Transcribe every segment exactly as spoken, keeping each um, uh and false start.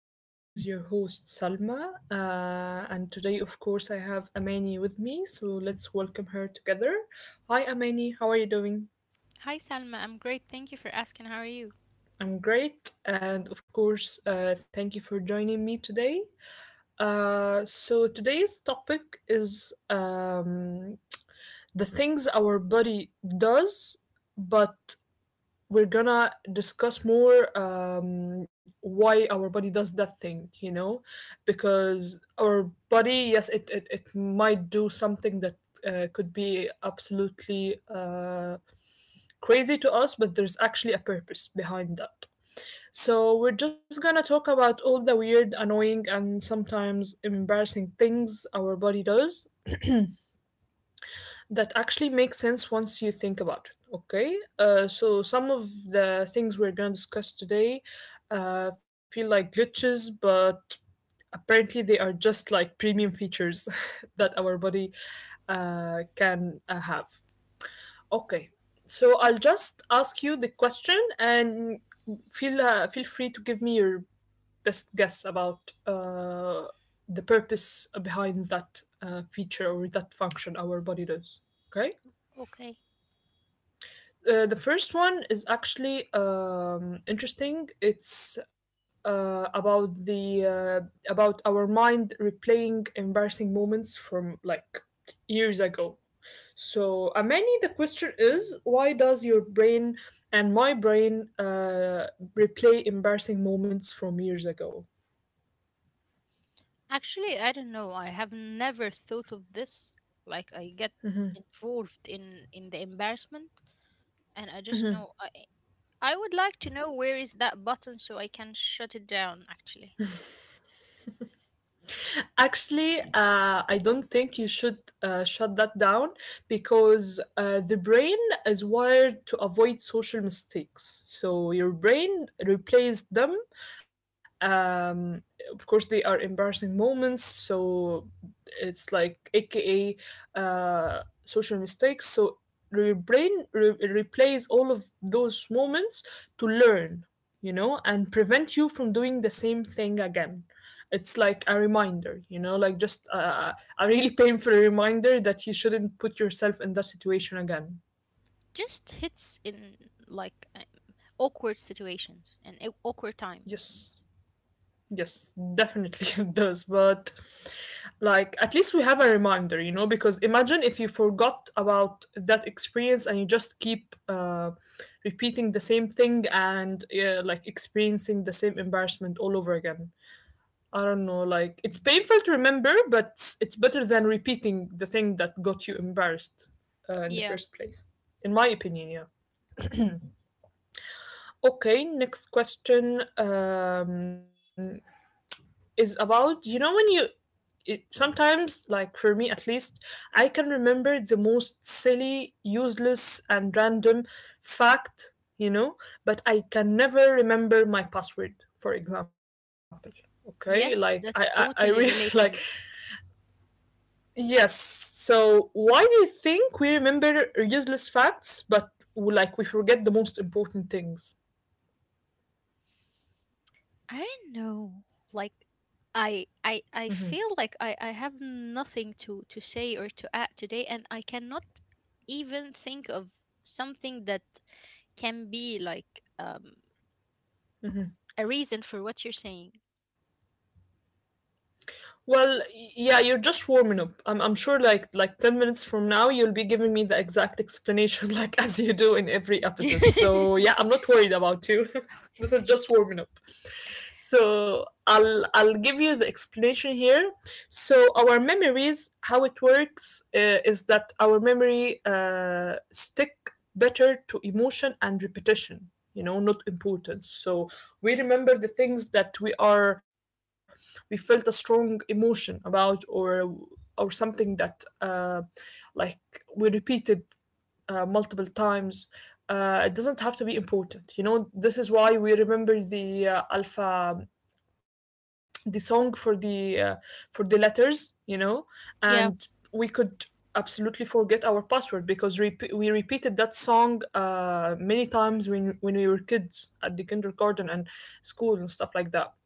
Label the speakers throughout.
Speaker 1: everyone. This is your host Salma, uh, and today, of course, I have Amani with me. So let's welcome her together. Hi, Amani. How are you doing?
Speaker 2: Hi Salma, I'm great. Thank you for asking. How are you?
Speaker 1: I'm great, and of course, uh, thank you for joining me today. Uh, so today's topic is um, the things our body does, but we're gonna discuss more um, why our body does that thing, you know, because our body, yes, it, it, it might do something that uh, could be absolutely uh, crazy to us, but there's actually a purpose behind that. So we're just gonna talk about all the weird, annoying, and sometimes embarrassing things our body does that actually makes sense once you think about it. Okay. Uh, so some of the things we're going to discuss today uh, feel like glitches, but apparently they are just like premium features that our body uh, can uh, have. Okay, so I'll just ask you the question, and feel uh, feel free to give me your best guess about uh, the purpose behind that uh, feature or that function our body does. Okay.
Speaker 2: Okay.
Speaker 1: Uh, the first one is actually um, interesting. It's uh, about the, uh, about our mind replaying embarrassing moments from, like, years ago. So, Amani, the question is, why does your brain and my brain uh, replay embarrassing moments from years ago?
Speaker 2: Actually, I don't know. I have never thought of this. Like I get involved in in the embarrassment, and I just know I I would like to know where is that button so I can shut it down actually.
Speaker 1: Actually, uh, I don't think you should uh, shut that down, because uh, the brain is wired to avoid social mistakes. So your brain replaces them. um of course they are embarrassing moments, so it's like, aka, uh social mistakes. So your brain re- replays all of those moments to learn, you know, and prevent you from doing the same thing again. It's like a reminder, you know, like, just uh, a really painful reminder that you shouldn't put yourself in that situation again.
Speaker 2: Just hits in like um, awkward situations and a- awkward time.
Speaker 1: Yes. Yes, definitely it does. But, like, at least we have a reminder, you know, because imagine if you forgot about that experience and you just keep uh, repeating the same thing, and uh, like experiencing the same embarrassment all over again. I don't know, like, it's painful to remember, but it's better than repeating the thing that got you embarrassed, uh, in the
Speaker 2: Yeah.
Speaker 1: first place, in my opinion, yeah. Okay, next question, um, is about, you know, when you it, sometimes, like, for me at least, I can remember the most silly, useless, and random fact, you know, but I can never remember my password, for example. Okay,
Speaker 2: Yes,
Speaker 1: like,
Speaker 2: that's
Speaker 1: I, I, I really
Speaker 2: totally
Speaker 1: like,
Speaker 2: relatable.
Speaker 1: yes. So, why do you think we remember useless facts, but, like, we forget the most important things?
Speaker 2: I don't know. Like I I I feel like I I have nothing to to say or to add today, and I cannot even think of something that can be like um a reason for what you're saying.
Speaker 1: Well, y- yeah, you're just warming up. I'm, I'm sure like like ten minutes from now you'll be giving me the exact explanation like as you do in every episode. So, yeah, I'm not worried about you.
Speaker 2: Okay,
Speaker 1: This is
Speaker 2: thank
Speaker 1: just
Speaker 2: you.
Speaker 1: warming up. So, I'll I'll give you the explanation here. So, our memories, how it works, uh, is that our memory, uh, stick better to emotion and repetition, you know, not importance. So, we remember the things that we are we felt a strong emotion about, or or something that, uh, like, we repeated uh, multiple times. Uh, it doesn't have to be important, you know. This is why we remember the, uh, alpha, the song for the, uh, for the letters, you know. And
Speaker 2: Yeah.
Speaker 1: we could absolutely forget our password, because rep- we repeated that song uh, many times when when we were kids at the kindergarten and school and stuff like that.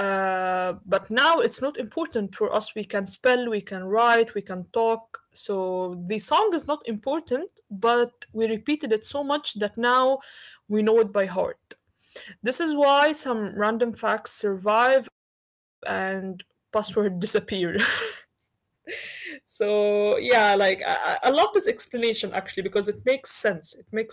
Speaker 1: uh, But now it's not important for us. We can spell, we can write, we can talk, so the song is not important, but we repeated it so much that now we know it by heart. This is why some random facts survive and password disappear. So yeah, like, I, I love this explanation actually, because it makes sense. It makes, like,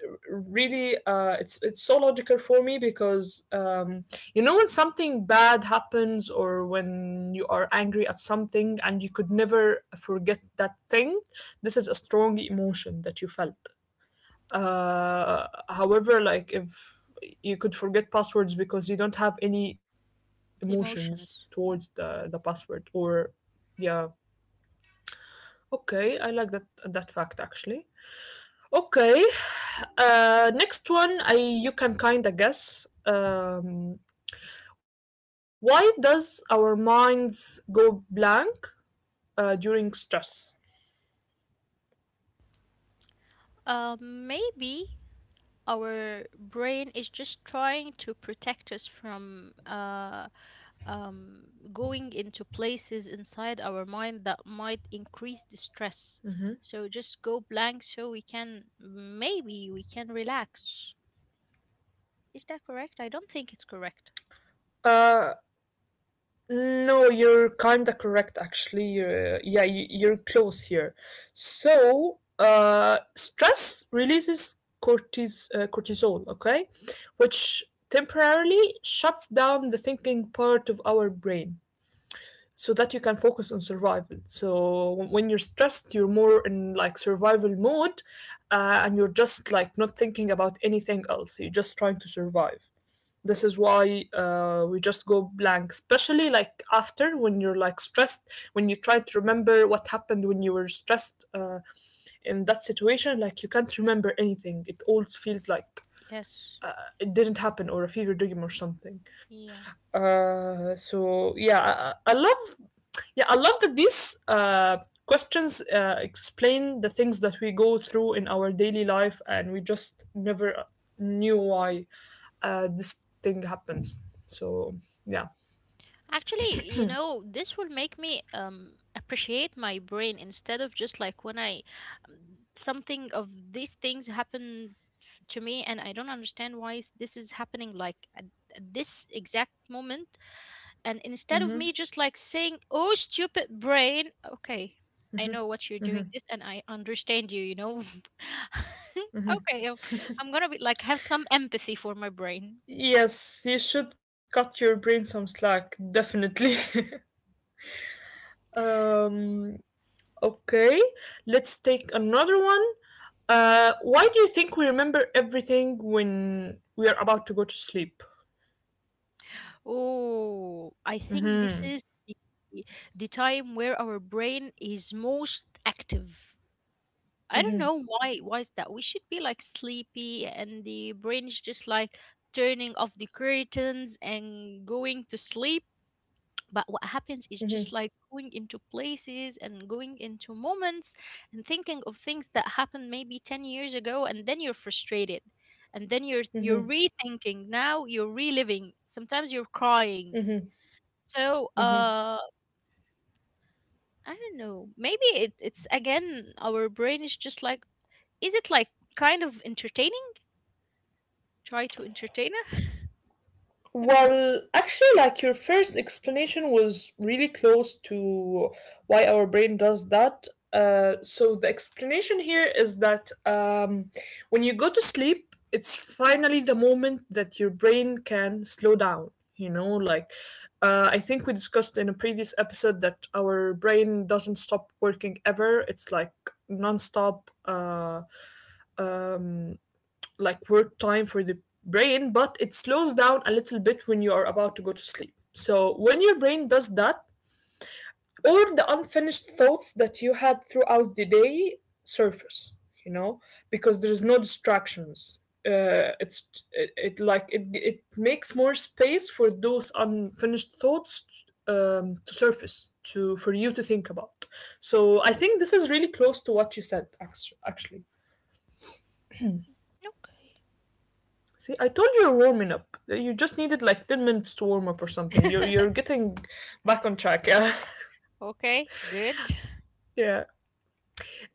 Speaker 1: really, uh, it's it's so logical for me, because um, you know, when something bad happens, or when you are angry at something, and you could never forget that thing. This is a strong emotion that you felt. Uh, however, like, if you could forget passwords because you don't have any emotions
Speaker 2: Emotions.
Speaker 1: towards the, the password, or yeah. Okay, I like that that fact actually. Okay. Uh next one, I you can kind of guess, um why does our minds go blank uh during stress?
Speaker 2: Um maybe our brain is just trying to protect us from uh, um, going into places inside our mind that might increase
Speaker 1: Mm-hmm.
Speaker 2: the stress. So just go blank so we can maybe we can relax. Is that correct? I don't think it's correct.
Speaker 1: uh No, you're kinda correct actually. Uh, yeah, you, you're close here. So, uh, stress releases cortis- uh, cortisol, okay? Which temporarily shuts down the thinking part of our brain, so that you can focus on survival. So, wh- when you're stressed, you're more in, like, survival mode, uh, and you're just, like, not thinking about anything else. You're just trying to survive. This is why, uh, we just go blank, especially, like, after, when you're, like, stressed, when you try to remember what happened when you were stressed, uh, in that situation, like, you can't remember anything. It all feels like,
Speaker 2: Yes.
Speaker 1: uh, it didn't happen, or a fever dream or something.
Speaker 2: Yeah.
Speaker 1: Uh, so yeah. I, I love Yeah, I love that these, uh, questions uh, explain the things that we go through in our daily life, and we just never knew why uh, this thing happens. So yeah.
Speaker 2: Actually, you know, this will make me um appreciate my brain instead of just like when I something of these things happened f- to me, and I don't understand why is- this is happening like at, at this exact moment. And instead of me just like saying, oh, stupid brain, okay, I know what you're doing this, and I understand you, you know, okay, um, I'm gonna be like have some empathy for my brain.
Speaker 1: Yes, you should cut your brain some slack, definitely. um, okay, let's take another one. Uh, why do you think we remember everything when we are about to go to sleep?
Speaker 2: Oh, I think this
Speaker 1: Hmm.
Speaker 2: is the, the time where our brain is most active. I don't
Speaker 1: Hmm.
Speaker 2: know why why is that? We should be like sleepy and the brain is just like turning off the curtains and going to sleep. But what happens
Speaker 1: Hmm.
Speaker 2: is just like going into places and going into moments and thinking of things that happened maybe ten years ago, and then you're frustrated. And then you're you're rethinking now, you're reliving. Sometimes you're crying. So uh I don't know. Maybe it, it's again our brain is just like, is it like kind of entertaining? Try to entertain us? I don't know.
Speaker 1: Well, actually, like, your first explanation was really close to why our brain does that. Uh, so the explanation here is that, um, when you go to sleep, it's finally the moment that your brain can slow down. You know, like, uh, I think we discussed in a previous episode that our brain doesn't stop working, ever. It's like nonstop. Uh, um, like, work time for the brain, but it slows down a little bit when you are about to go to sleep. So when your brain does that, all the unfinished thoughts that you had throughout the day surface, you know, because there's no distractions. Uh, it's it, it like it it makes more space for those unfinished thoughts, um, to surface, to for you to think about. So I think this is really close to what you said, actually.
Speaker 2: No.
Speaker 1: See, I told you you're warming up. You just needed like ten minutes to warm up or something. You're, you're getting back on track. Yeah.
Speaker 2: Okay, good.
Speaker 1: Yeah.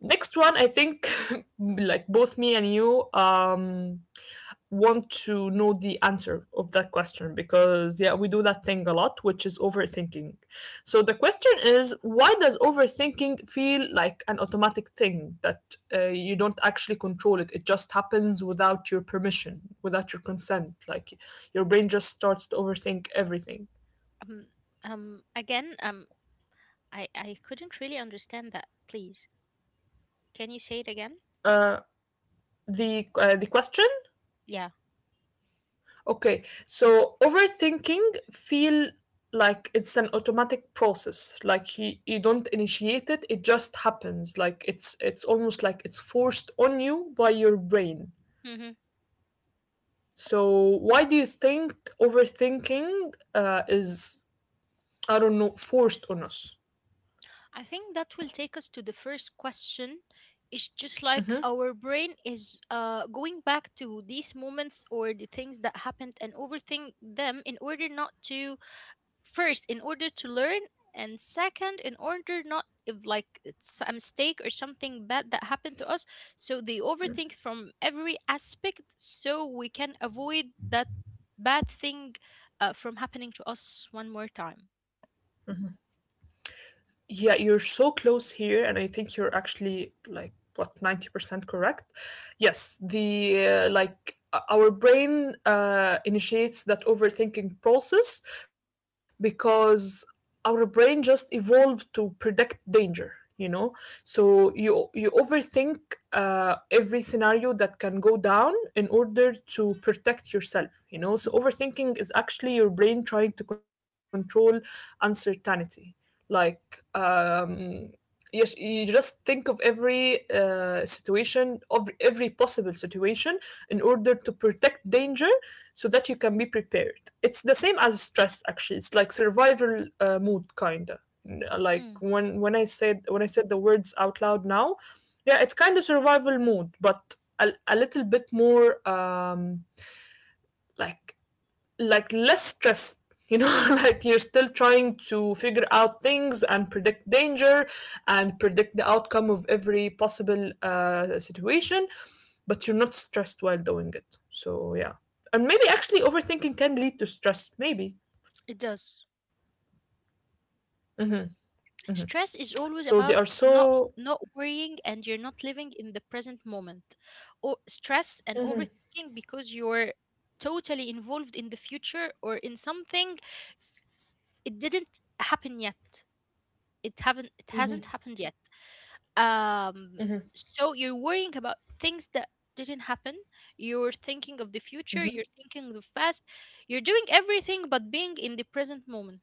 Speaker 1: Next one, I think, like, both me and you, um, want to know the answer of that question, because yeah, we do that thing a lot, which is overthinking. So the question is, why does overthinking feel like an automatic thing that, uh, you don't actually control it, it just happens without your permission, without your consent, like, your brain just starts to overthink everything.
Speaker 2: Um, um, again, um, I I couldn't really understand that. Please, can you say it again?
Speaker 1: uh, the uh, the question.
Speaker 2: Yeah.
Speaker 1: Okay, so overthinking feel like it's an automatic process. Like, you, you don't initiate it; it just happens. Like, it's it's almost like it's forced on you by your brain.
Speaker 2: Mm-hmm.
Speaker 1: So why do you think overthinking, uh, is, I don't know, forced on us?
Speaker 2: I think that will take us to the first question. It's just like
Speaker 1: Mm-hmm.
Speaker 2: our brain is uh going back to these moments or the things that happened and overthink them in order not to, first in order to learn, and second in order not if like it's a mistake or something bad that happened to us. So they overthink from every aspect so we can avoid that bad thing uh, from happening to us one more time.
Speaker 1: Yeah, you're so close here, and I think you're actually like, what, ninety percent correct. Yes, the uh, like o- our brain uh, initiates that overthinking process, because our brain just evolved to predict danger, you know? So you you overthink uh, every scenario that can go down, in order to protect yourself, you know? So overthinking is actually your brain trying to control uncertainty, like, um, yes, you just think of every, uh, situation, of every possible situation, in order to protect danger, so that you can be prepared. It's the same as stress, actually. It's like survival uh, mood, kinda. N- Like,
Speaker 2: Hmm,
Speaker 1: when when I said when I said the words out loud now, yeah, it's kind of survival mood, but a, a little bit more, um, like like less stressed, you know, like, you're still trying to figure out things and predict danger, and predict the outcome of every possible, uh, situation, but you're not stressed while doing it, so yeah. And maybe actually overthinking can lead to stress, maybe.
Speaker 2: it does. Stress is
Speaker 1: So they
Speaker 2: always
Speaker 1: are
Speaker 2: about
Speaker 1: so,
Speaker 2: not not worrying, and you're not living in the present moment, or stress and overthinking because you're totally involved in the future or in something it didn't happen yet, it haven't it hasn't happened yet. Um, so you're worrying about things that didn't happen, you're thinking of the future, you're thinking of the past, you're doing everything but being in the present moment.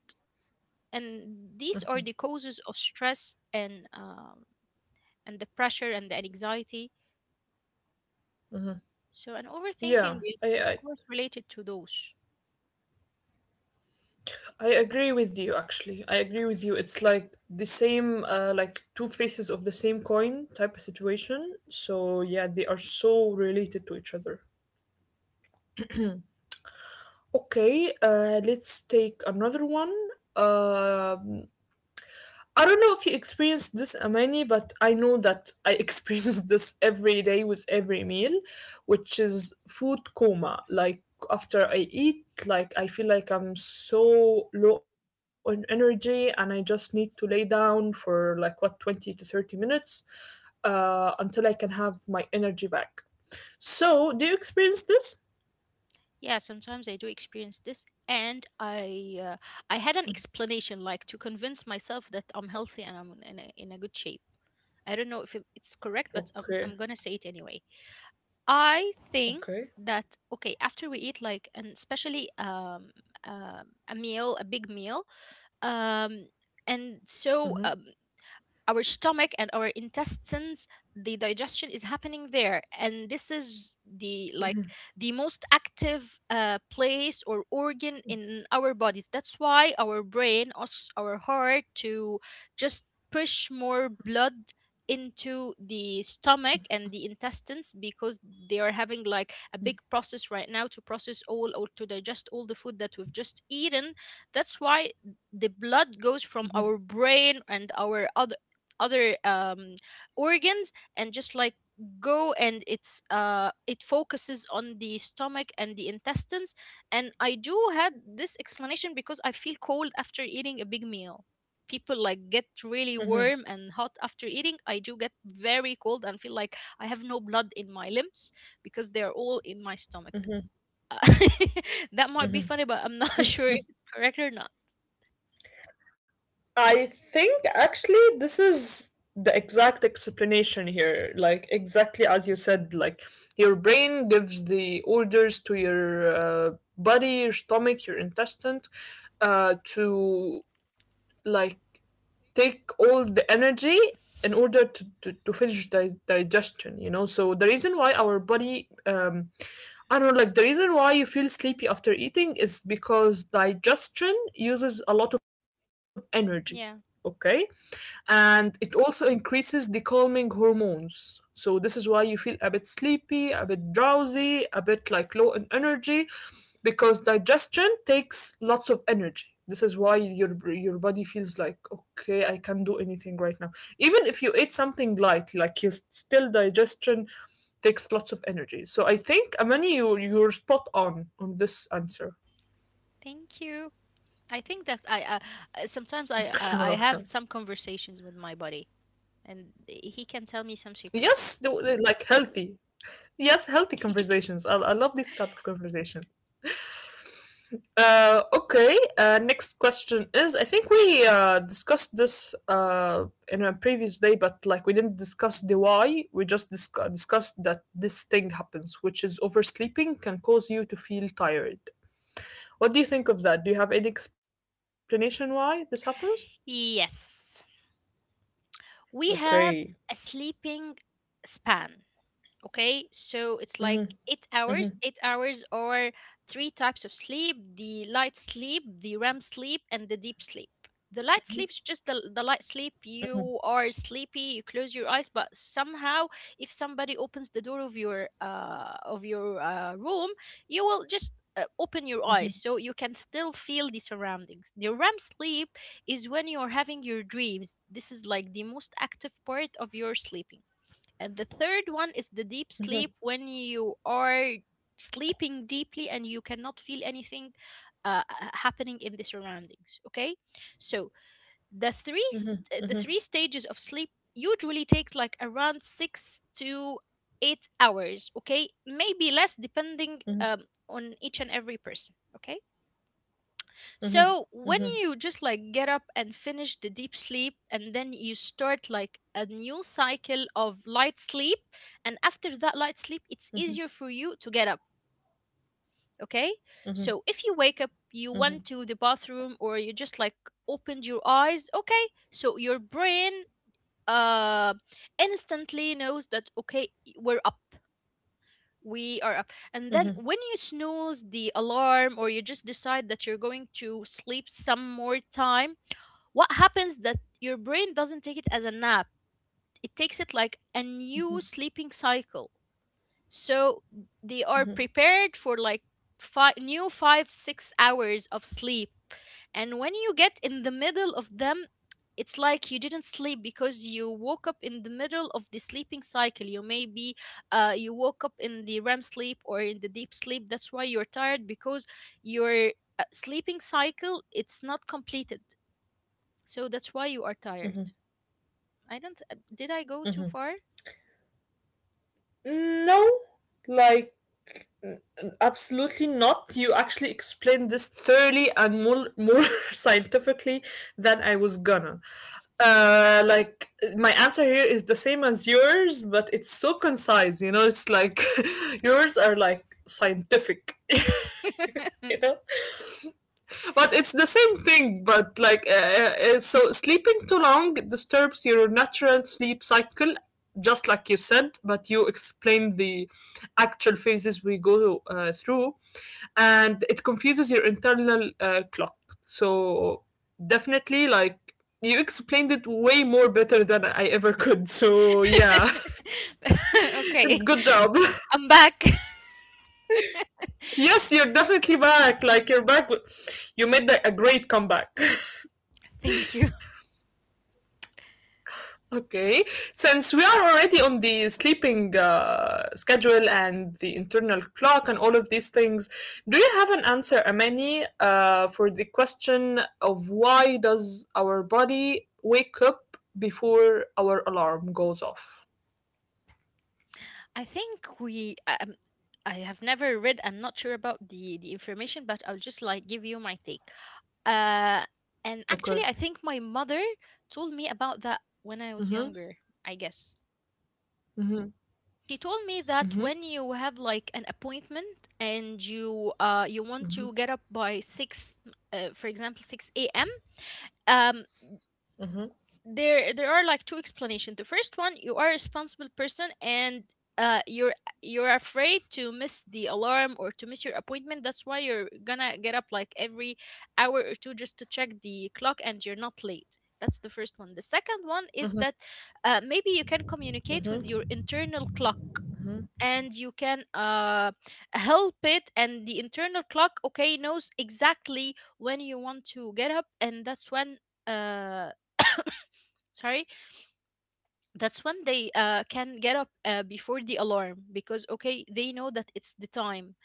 Speaker 2: And these are the causes of stress, and um, and the pressure and the anxiety. So an overthinking
Speaker 1: yeah. i
Speaker 2: is of
Speaker 1: i,
Speaker 2: course related to those.
Speaker 1: I agree with you actually, I agree with you. It's like the same, uh, like, two faces of the same coin type of situation, so yeah, they are so related to each other. Okay, uh, let's take another one. Um, I don't know if you experienced this, Amani, but I know that I experience this every day with every meal, which is food coma. Like after I eat, like I feel like I'm so low on energy and I just need to lay down for like what twenty to thirty minutes uh, until I can have my energy back. So, do you experience this?
Speaker 2: Yeah, sometimes I do experience this, and I uh, I had an explanation like to convince myself that I'm healthy and I'm in a, in a good shape. I don't know if it- it's correct, but I'm,
Speaker 1: Okay,
Speaker 2: I'm gonna say it anyway. I think that okay, after we eat, like, and especially um, um a meal, a big meal, um, and
Speaker 1: okay.
Speaker 2: so um, our stomach and our intestines, the digestion is happening there, and this is the like the most active uh, place or organ in our bodies. That's why our brain asks our heart to just push more blood into the stomach and the intestines, because they are having like a big process right now to process all or to digest all the food that we've just eaten. That's why the blood goes from our brain and our other other um, organs and just like go, and it's uh it focuses on the stomach and the intestines. And I do had this explanation because I feel cold after eating a big meal. People like get really warm and hot after eating. I do get very cold and feel like I have no blood in my limbs because they're all in my stomach.
Speaker 1: Mhm,
Speaker 2: Uh, that might be funny,
Speaker 1: mhm.
Speaker 2: but I'm not sure if it's correct or not.
Speaker 1: I think actually this is the exact explanation here. Like, exactly as you said, like, your brain gives the orders to your uh, body, your stomach, your intestine uh, to, like, take all the energy in order to, to, to finish the digestion, you know. So the reason why our body, um, I don't know, like the reason why you feel sleepy after eating is because digestion uses a lot of energy,
Speaker 2: Yeah.
Speaker 1: okay?
Speaker 2: Yeah.
Speaker 1: And it also increases the calming hormones. So this is why you feel a bit sleepy, a bit drowsy, a bit like low in energy, because digestion takes lots of energy. This is why your your body feels like okay, I can not do anything right now. Even if you ate something light, like you still digestion takes lots of energy. So I think Amani, you you're spot on on this answer.
Speaker 2: Thank you. I think that I uh, uh,
Speaker 1: You're
Speaker 2: sometimes I
Speaker 1: welcome.
Speaker 2: uh, I have some conversations with my body, and he can tell me some
Speaker 1: Yes, the,
Speaker 2: secrets.
Speaker 1: the- like healthy. Yes, healthy conversations. I, I love this type of conversation. Uh, okay, uh, next question is I think we uh, discussed this uh, in a previous day, but like we didn't discuss the why. We just discu- discussed that this thing happens, which is oversleeping can cause you to feel tired. What do you think of that? Do you have any explanation why this happens?
Speaker 2: Yes, we
Speaker 1: Okay.
Speaker 2: have a sleeping span. Okay, so it's like
Speaker 1: Mm-hmm,
Speaker 2: eight
Speaker 1: mm-hmm,
Speaker 2: hours. Eight hours, or three types of sleep: the light sleep, the REM sleep, and the deep sleep. The light sleep is just the, the light sleep. You are sleepy, you close your eyes, but somehow, if somebody opens the door of your uh, of your uh, room, you will just uh, open your eyes, so you can still feel the surroundings. The REM sleep is when you are having your dreams. This is like the most active part of your sleeping. And the third one is the deep
Speaker 1: mm-hmm,
Speaker 2: sleep, when you are sleeping deeply and you cannot feel anything uh, happening in the surroundings. Okay, so
Speaker 1: mm-hmm,
Speaker 2: the three
Speaker 1: mm-hmm,
Speaker 2: st- the three stages of sleep usually takes like around six to eight hours. Okay, maybe less depending um, on each and every person. Okay,
Speaker 1: mm-hmm,
Speaker 2: so when
Speaker 1: mm-hmm,
Speaker 2: you just like get up and finish the deep sleep, and then you start like a new cycle of light sleep, and after that light sleep it's
Speaker 1: mm-hmm,
Speaker 2: easier for you to get up, okay?
Speaker 1: mm-hmm,
Speaker 2: So if you wake up, you
Speaker 1: mm-hmm,
Speaker 2: went to the bathroom, or you just like opened your eyes, okay? So your brain uh instantly knows that okay, we're up. We are up. And
Speaker 1: mm-hmm,
Speaker 2: then
Speaker 1: mm-hmm,
Speaker 2: when you snooze the alarm or you just decide that you're going to sleep some more time, what happens that your brain doesn't take it as a nap, it takes it like a new sleeping cycle. So they are prepared for like five new five six hours of sleep, and when you get in the middle of them, it's like you didn't sleep because you woke up in the middle of the sleeping cycle. You maybe, uh, you woke up in the REM sleep or in the deep sleep. That's why you're tired, because your uh, sleeping cycle it's not completed. So that's why you are tired.
Speaker 1: mm-hmm,
Speaker 2: I don't. uh, Did I go too
Speaker 1: mm-hmm.
Speaker 2: far?
Speaker 1: No, like n- n- absolutely not. You actually explained this thoroughly and more more scientifically than I was gonna. Uh, like my answer here is the same as yours, but it's so concise. You know, it's like yours are like scientific. You know, but it's the same thing, but like, uh, uh, uh, so sleeping too long disturbs your natural sleep cycle, just like you said, but you explained the actual phases we go uh, through, and it confuses your internal uh, clock. So, definitely, like, you explained it way more better than I ever could. So, yeah,
Speaker 2: Okay,
Speaker 1: good job.
Speaker 2: I'm back.
Speaker 1: Yes, you're definitely back. Like, you're back. with- You made the, a great comeback.
Speaker 2: Thank you.
Speaker 1: Okay, since we are already on the sleeping uh, schedule and the internal clock and all of these things, do you have an answer, Amani, uh, for the question of why does our body wake up before our alarm goes off?
Speaker 2: I think we. Um, I have never read. I'm not sure about the the information, but I'll just like give you my take. Uh, and
Speaker 1: Okay.
Speaker 2: actually, I think my mother told me about that when I was
Speaker 1: Mhm.
Speaker 2: younger. I guess
Speaker 1: Mhm.
Speaker 2: she told me that
Speaker 1: Mhm.
Speaker 2: when you have like an appointment and you uh you want to get up by six, uh, for example, six a m
Speaker 1: Mhm.
Speaker 2: there there are like two explanations. The first one, you are a responsible person, and uh you're you're afraid to miss the alarm or to miss your appointment. That's why you're gonna get up like every hour or two just to check the clock and you're not late. That's the first one. The second one is
Speaker 1: Mhm. Mhm.
Speaker 2: that uh, maybe you can communicate with
Speaker 1: Mhm.
Speaker 2: your internal clock, and you can uh, help it. And the internal clock okay knows exactly when you want to get up, and that's when uh, sorry that's when they uh, can get up uh, before the alarm, because okay they know that it's the time.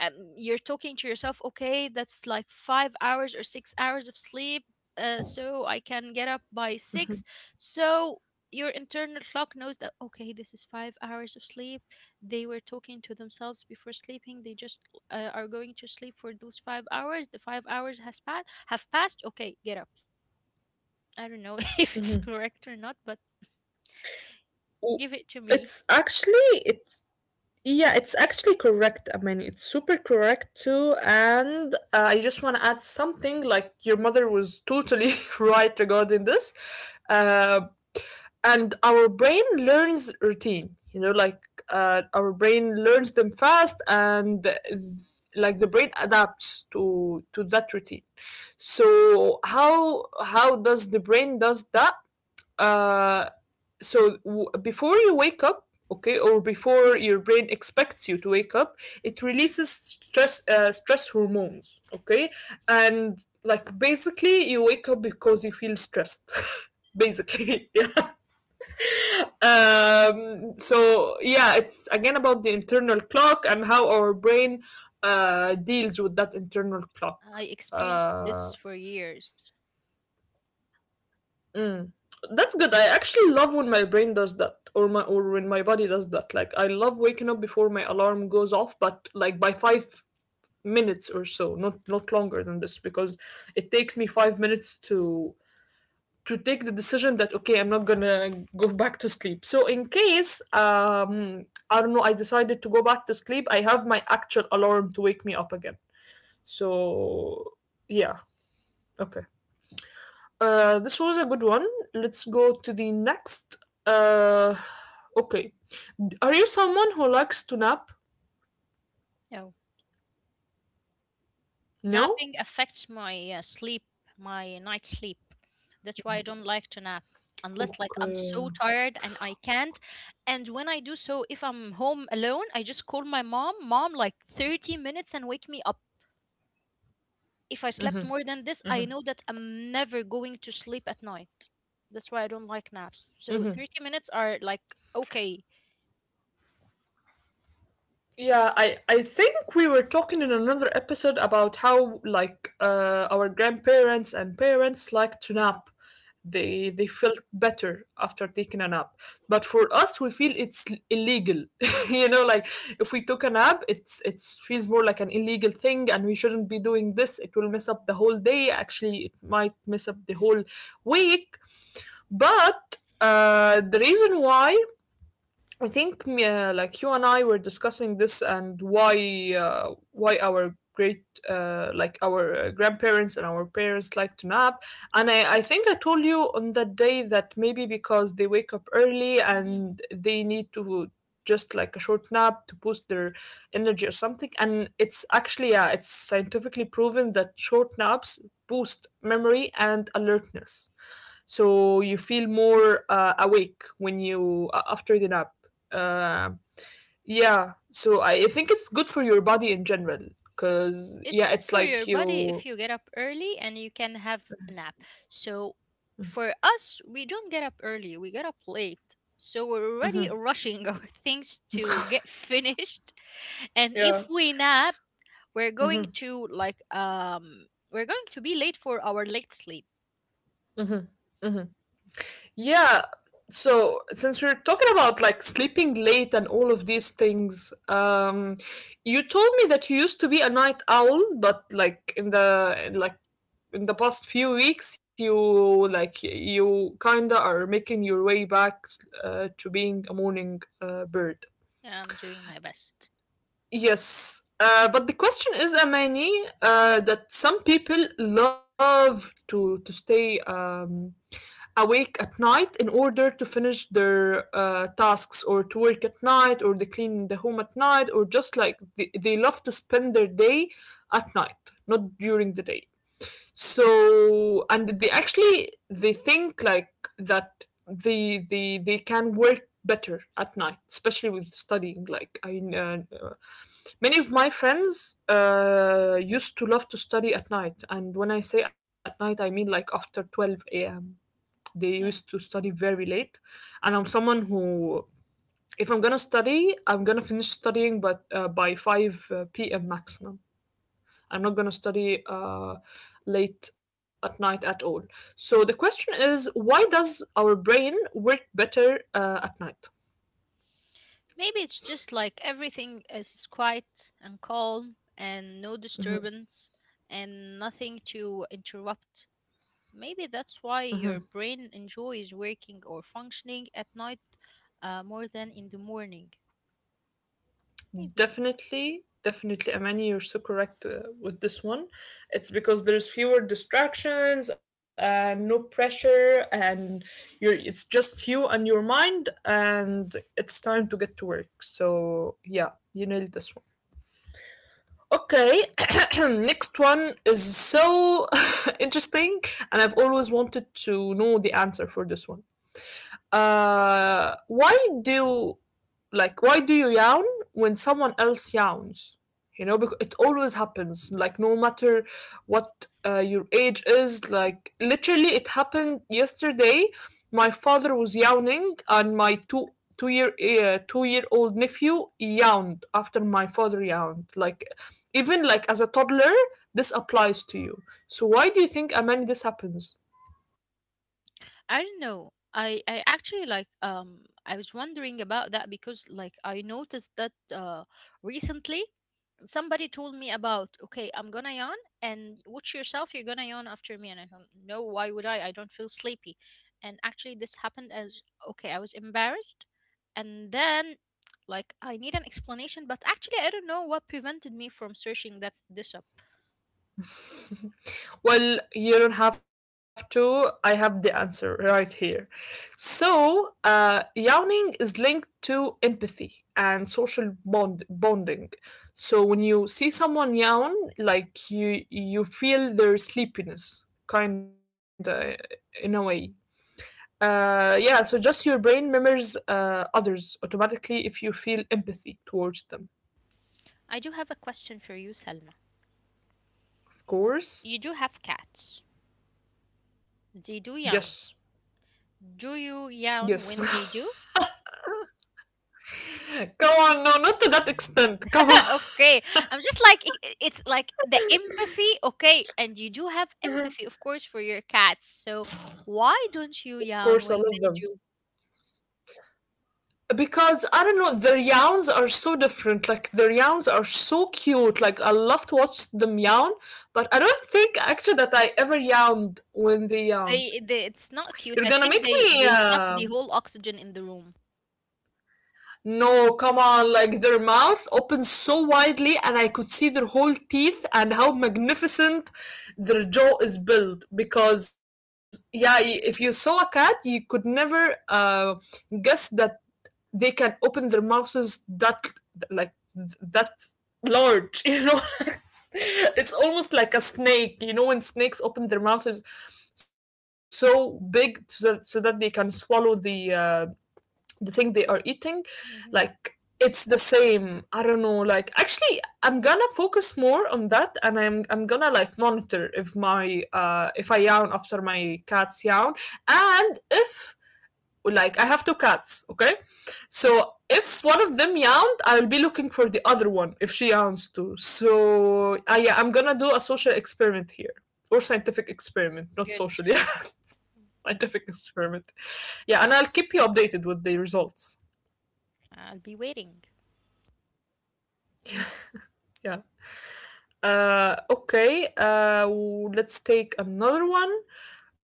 Speaker 2: Um, you're talking to yourself, okay, that's like five hours or six hours of sleep, uh, so I can get up by
Speaker 1: Mhm.
Speaker 2: six. So your internal clock knows that okay, this is five hours of sleep. They were talking to themselves before sleeping, they just uh, are going to sleep for those five hours. The five hours has passed have passed, okay, get up. I don't know if it's
Speaker 1: Mhm.
Speaker 2: correct or not, but
Speaker 1: Oh,
Speaker 2: give it to me.
Speaker 1: It's actually it yeah, it's actually correct. I mean, it's super correct too. And uh, I just want to add something like your mother was totally right regarding this. Uh, and our brain learns routine, you know, like uh, our brain learns them fast and th- like the brain adapts to to that routine. So how how does the brain does that? Uh, so w- before you wake up, okay, or before your brain expects you to wake up, it releases stress uh, stress hormones, okay, and like basically you wake up because you feel stressed. Basically, yeah. Um so yeah, it's again about the internal clock and how our brain uh deals with that internal clock
Speaker 2: I experienced this
Speaker 1: uh
Speaker 2: for years.
Speaker 1: Mm. That's good. I actually love when my brain does that, or my or when my body does that. Like I love waking up before my alarm goes off, but like by five minutes or so, not not longer than this, because it takes me five minutes to to take the decision that okay, I'm not gonna go back to sleep. So in case um I don't know, I decided to go back to sleep, I have my actual alarm to wake me up again. So yeah, okay. Uh, this was a good one. Let's go to the next. Uh, okay. Are you someone who likes to nap?
Speaker 2: You know,
Speaker 1: No?
Speaker 2: napping affects my uh, sleep, my night sleep. That's why I don't like to nap unless like I'm
Speaker 1: Okay.
Speaker 2: so tired and I can't. And when I do so, if I'm home alone, I just call my mom, mom, like thirty minutes and wake me up. If I slept more than this, I know that I'm never going to sleep at night. That's why I don't like naps. So
Speaker 1: Mhm.
Speaker 2: thirty minutes are like okay.
Speaker 1: Yeah, I I think we were talking in another episode about how like uh, our grandparents and parents like to
Speaker 2: Yeah.
Speaker 1: nap. They they felt better after taking a nap. But for us, we feel it's l- illegal. You know, like if we took a nap, it's it feels more like an illegal thing, and we shouldn't be doing this. It will mess up the whole day. Actually, it might mess up the whole week. But uh, the reason why I think me- uh, like you and I were discussing this and why uh, why our great uh, like our uh, grandparents and our parents like to nap and I, I think I told you on that day that maybe because they wake up early and they need to just like a short nap to boost their energy or something, and it's actually yeah it's scientifically proven that short naps boost memory and alertness, so you feel more uh, awake when you a- after the nap. Uh, yeah so I, I think it's good for your body in general
Speaker 2: It's
Speaker 1: because
Speaker 2: good
Speaker 1: yeah
Speaker 2: for
Speaker 1: it's
Speaker 2: your
Speaker 1: like
Speaker 2: body if you get
Speaker 1: you.
Speaker 2: up early and you can have a nap. So for us, we don't get up early, we get up late. So we're already
Speaker 1: Mhm.
Speaker 2: rushing our things to get finished. And if we
Speaker 1: Yeah.
Speaker 2: nap, we're going
Speaker 1: Mhm.
Speaker 2: to like um we're going to be late for our late sleep.
Speaker 1: Mhm. Mhm. Yeah. So since we're talking about like sleeping late and all of these things, um you told me that you used to be a night owl but like in the like in the past few weeks you like you kinda are making your way back uh, to being a morning uh, bird.
Speaker 2: Yeah, I'm doing my best.
Speaker 1: Yes, uh, but the question is, Amani, uh, that some people love to to stay um, awake at night in order to finish their uh, tasks, or to work at night, or they clean the home at night, or just like they, they love to spend their day at night, not during the day. So, and they actually they think like that they they they can work better at night, especially with studying. Like I uh, Many of my friends uh, used to love to study at night, and when I say at night, I mean like after twelve a m. They used to
Speaker 2: Yeah.
Speaker 1: study very late, and I'm someone who, if I'm gonna study, I'm gonna finish studying but uh, by five p m maximum. I'm not gonna study uh, late at night at all. So the question is, why does our brain work better uh, at night?
Speaker 2: Maybe it's just like everything is quiet and calm and no disturbance and nothing to interrupt. Maybe that's why your brain enjoys working or functioning at night, uh, more than in the morning. Maybe.
Speaker 1: Definitely, definitely, Amani, you're so correct uh, with this one. It's because there's fewer distractions and no pressure, and you're it's just you and your mind, and it's time to get to work. So yeah, you nailed this one. Okay, next one is so interesting, and I've always wanted to know the answer for this one. Uh, why do like why do you yawn when someone else yawns? You know, because it always happens. Like no matter what uh, your age is, like literally, it happened yesterday. My father was yawning, and my two two year uh, two year old nephew yawned after my father yawned. Like even like as a toddler, this applies to you. So why do you think, Amani, this happens?
Speaker 2: I don't know. I I actually like um I was wondering about that because like I noticed that uh recently somebody told me about, okay, I'm gonna yawn and watch yourself, you're gonna yawn after me, and I don't know why would I I don't feel sleepy. And actually this happened as, okay, I was embarrassed, and then like I need an explanation, but actually I don't know what prevented me from searching that this up.
Speaker 1: Well, you don't have to. I have the answer right here. So, uh, yawning is linked to empathy and social bond bonding. So when you see someone yawn, like you you feel their sleepiness, kinda in a way. Uh, yeah. So just your brain remembers uh, others automatically if you feel empathy towards them.
Speaker 2: I do have a question for you, Selma.
Speaker 1: Of course.
Speaker 2: You do have cats. They
Speaker 1: Yes.
Speaker 2: do yawn. Do you
Speaker 1: Yes.
Speaker 2: yawn when they do?
Speaker 1: Come on, no, not to that extent. Come on.
Speaker 2: Okay. I'm just like, i- i- it's like the empathy, okay. And you do have empathy, of course, for your cats. So why
Speaker 1: Of
Speaker 2: don't
Speaker 1: course, I
Speaker 2: you
Speaker 1: love
Speaker 2: yawn
Speaker 1: them.
Speaker 2: when they do?
Speaker 1: Because I don't know, their yawns are so different. Like their yawns are so cute. Like I love to watch them yawn, but I don't think actually that I ever yawned when they yawn.
Speaker 2: They, they It's
Speaker 1: You're
Speaker 2: not
Speaker 1: gonna
Speaker 2: cute.
Speaker 1: make
Speaker 2: I think
Speaker 1: me
Speaker 2: they, they
Speaker 1: uh,
Speaker 2: suck the whole oxygen in the room.
Speaker 1: No, come on, like their mouth opened so widely and I could see their whole teeth and how magnificent their jaw is built. Because, yeah, y- if you saw a cat, you could never uh, guess that they can open their mouths that, th- like, th- that large, you know? It's almost like a snake, you know, when snakes open their mouths so big so that, so that they can swallow the uh, the thing they are eating.
Speaker 2: Mhm.
Speaker 1: Like, it's the same. I don't know, like actually I'm gonna focus more on that, and i'm i'm gonna like monitor if my uh if I yawn after my cats yawn. And if like I have two cats, okay, so if one of them yawned, I'll be looking for the other one if she yawns too, so I yeah, I'm gonna do a social experiment here. Or scientific experiment, not
Speaker 2: Good.
Speaker 1: social, yeah, scientific experiment. Yeah, and I'll keep you updated with the results.
Speaker 2: I'll be waiting.
Speaker 1: Yeah. Uh, okay. Uh, w- let's take another one.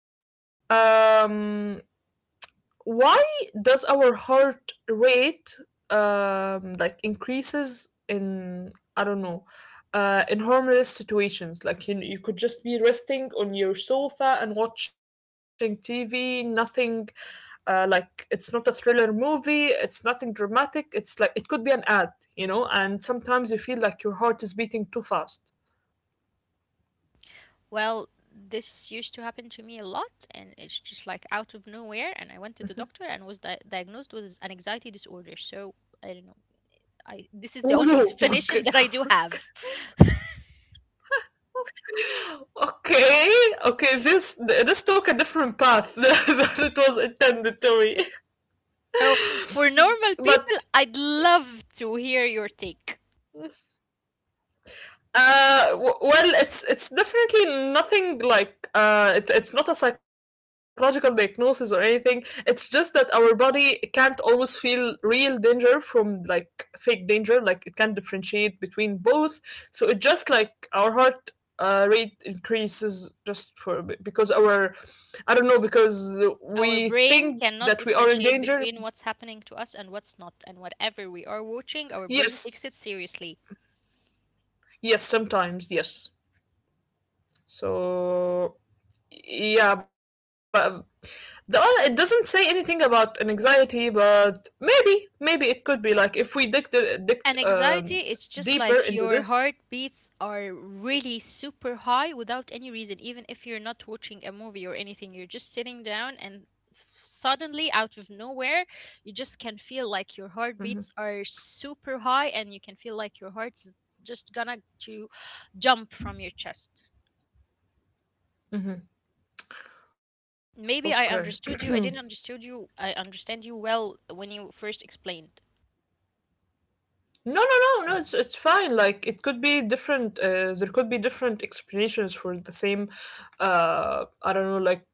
Speaker 1: Um, why does our heart rate um like increases in, I don't know, uh, in harmless situations? Like you, you could just be resting on your sofa and watching T V. Nothing. Uh, like it's not a thriller movie. It's nothing dramatic. It's like it could be an ad, you know and sometimes you feel like your heart is beating too fast.
Speaker 2: Well, this used to happen to me a lot, and it's just like out of nowhere.
Speaker 1: Mm-hmm.
Speaker 2: And I went to the doctor and was di- diagnosed with an anxiety disorder. So I don't know. I This is the only
Speaker 1: Ooh,
Speaker 2: explanation
Speaker 1: okay,
Speaker 2: that I do have.
Speaker 1: okay, okay. This this took a different path than it was intended to be,
Speaker 2: So for normal people,
Speaker 1: but...
Speaker 2: I'd love to hear your take.
Speaker 1: Uh, w- well, it's it's definitely nothing like uh, it, it's not a psychological diagnosis or anything. It's just that our body can't always feel real danger from like fake danger. Like it can't differentiate between both. So it just like our heart uh, rate increases just for because our... I don't know, because
Speaker 2: Our
Speaker 1: we
Speaker 2: brain
Speaker 1: think
Speaker 2: cannot
Speaker 1: that we are in
Speaker 2: differentiate
Speaker 1: danger.
Speaker 2: between what's happening to us and what's not, and whatever we are watching, our brain takes it
Speaker 1: Yes,
Speaker 2: seriously.
Speaker 1: yes, sometimes yes. So yeah, but... The other, it doesn't say anything about an anxiety, but maybe, maybe it could be like if we dig the dig
Speaker 2: And
Speaker 1: um,
Speaker 2: anxiety, it's just
Speaker 1: deeper
Speaker 2: like
Speaker 1: into
Speaker 2: your
Speaker 1: this.
Speaker 2: heartbeats are really super high without any reason, even if you're not watching a movie or anything. You're just sitting down, and f- suddenly, out of nowhere, you just can feel like your heartbeats are super high, and you can feel like your heart's just gonna to jump from your chest.
Speaker 1: Okay.
Speaker 2: Maybe I understood you. I didn't understood you. I understand you well when you first explained.
Speaker 1: No, no, no, no. It's it's fine. Like it could be different. Uh, there could be different explanations for the same. Uh, I don't know, like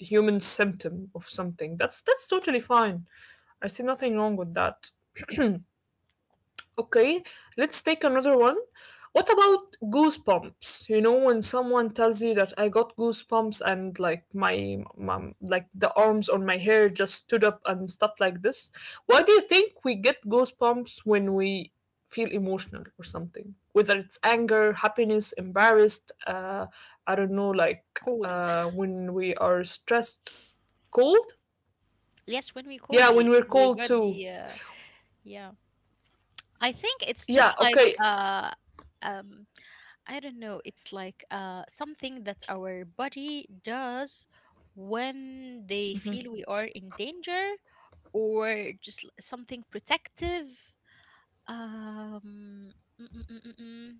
Speaker 1: human symptom of something. That's that's totally fine. I see nothing wrong with that. Okay, let's take another one. What about goosebumps? You know, when someone tells you that I got goosebumps and like my, my like the arms on my hair just stood up and stuff like this. Why do you think we get goosebumps when we feel emotional or something? Whether it's anger, happiness, embarrassed, uh, I don't know, like
Speaker 2: Cold.
Speaker 1: uh, when we are stressed, cold.
Speaker 2: Yes, when we cold,
Speaker 1: Yeah, when
Speaker 2: we
Speaker 1: we're
Speaker 2: we
Speaker 1: cold
Speaker 2: got
Speaker 1: too.
Speaker 2: the uh, yeah. I think it's
Speaker 1: Yeah,
Speaker 2: just like
Speaker 1: okay.
Speaker 2: uh um I don't know, it's like uh something that our body does when they feel we are in danger, or just l- something protective. Um mm, mm, mm, mm, mm.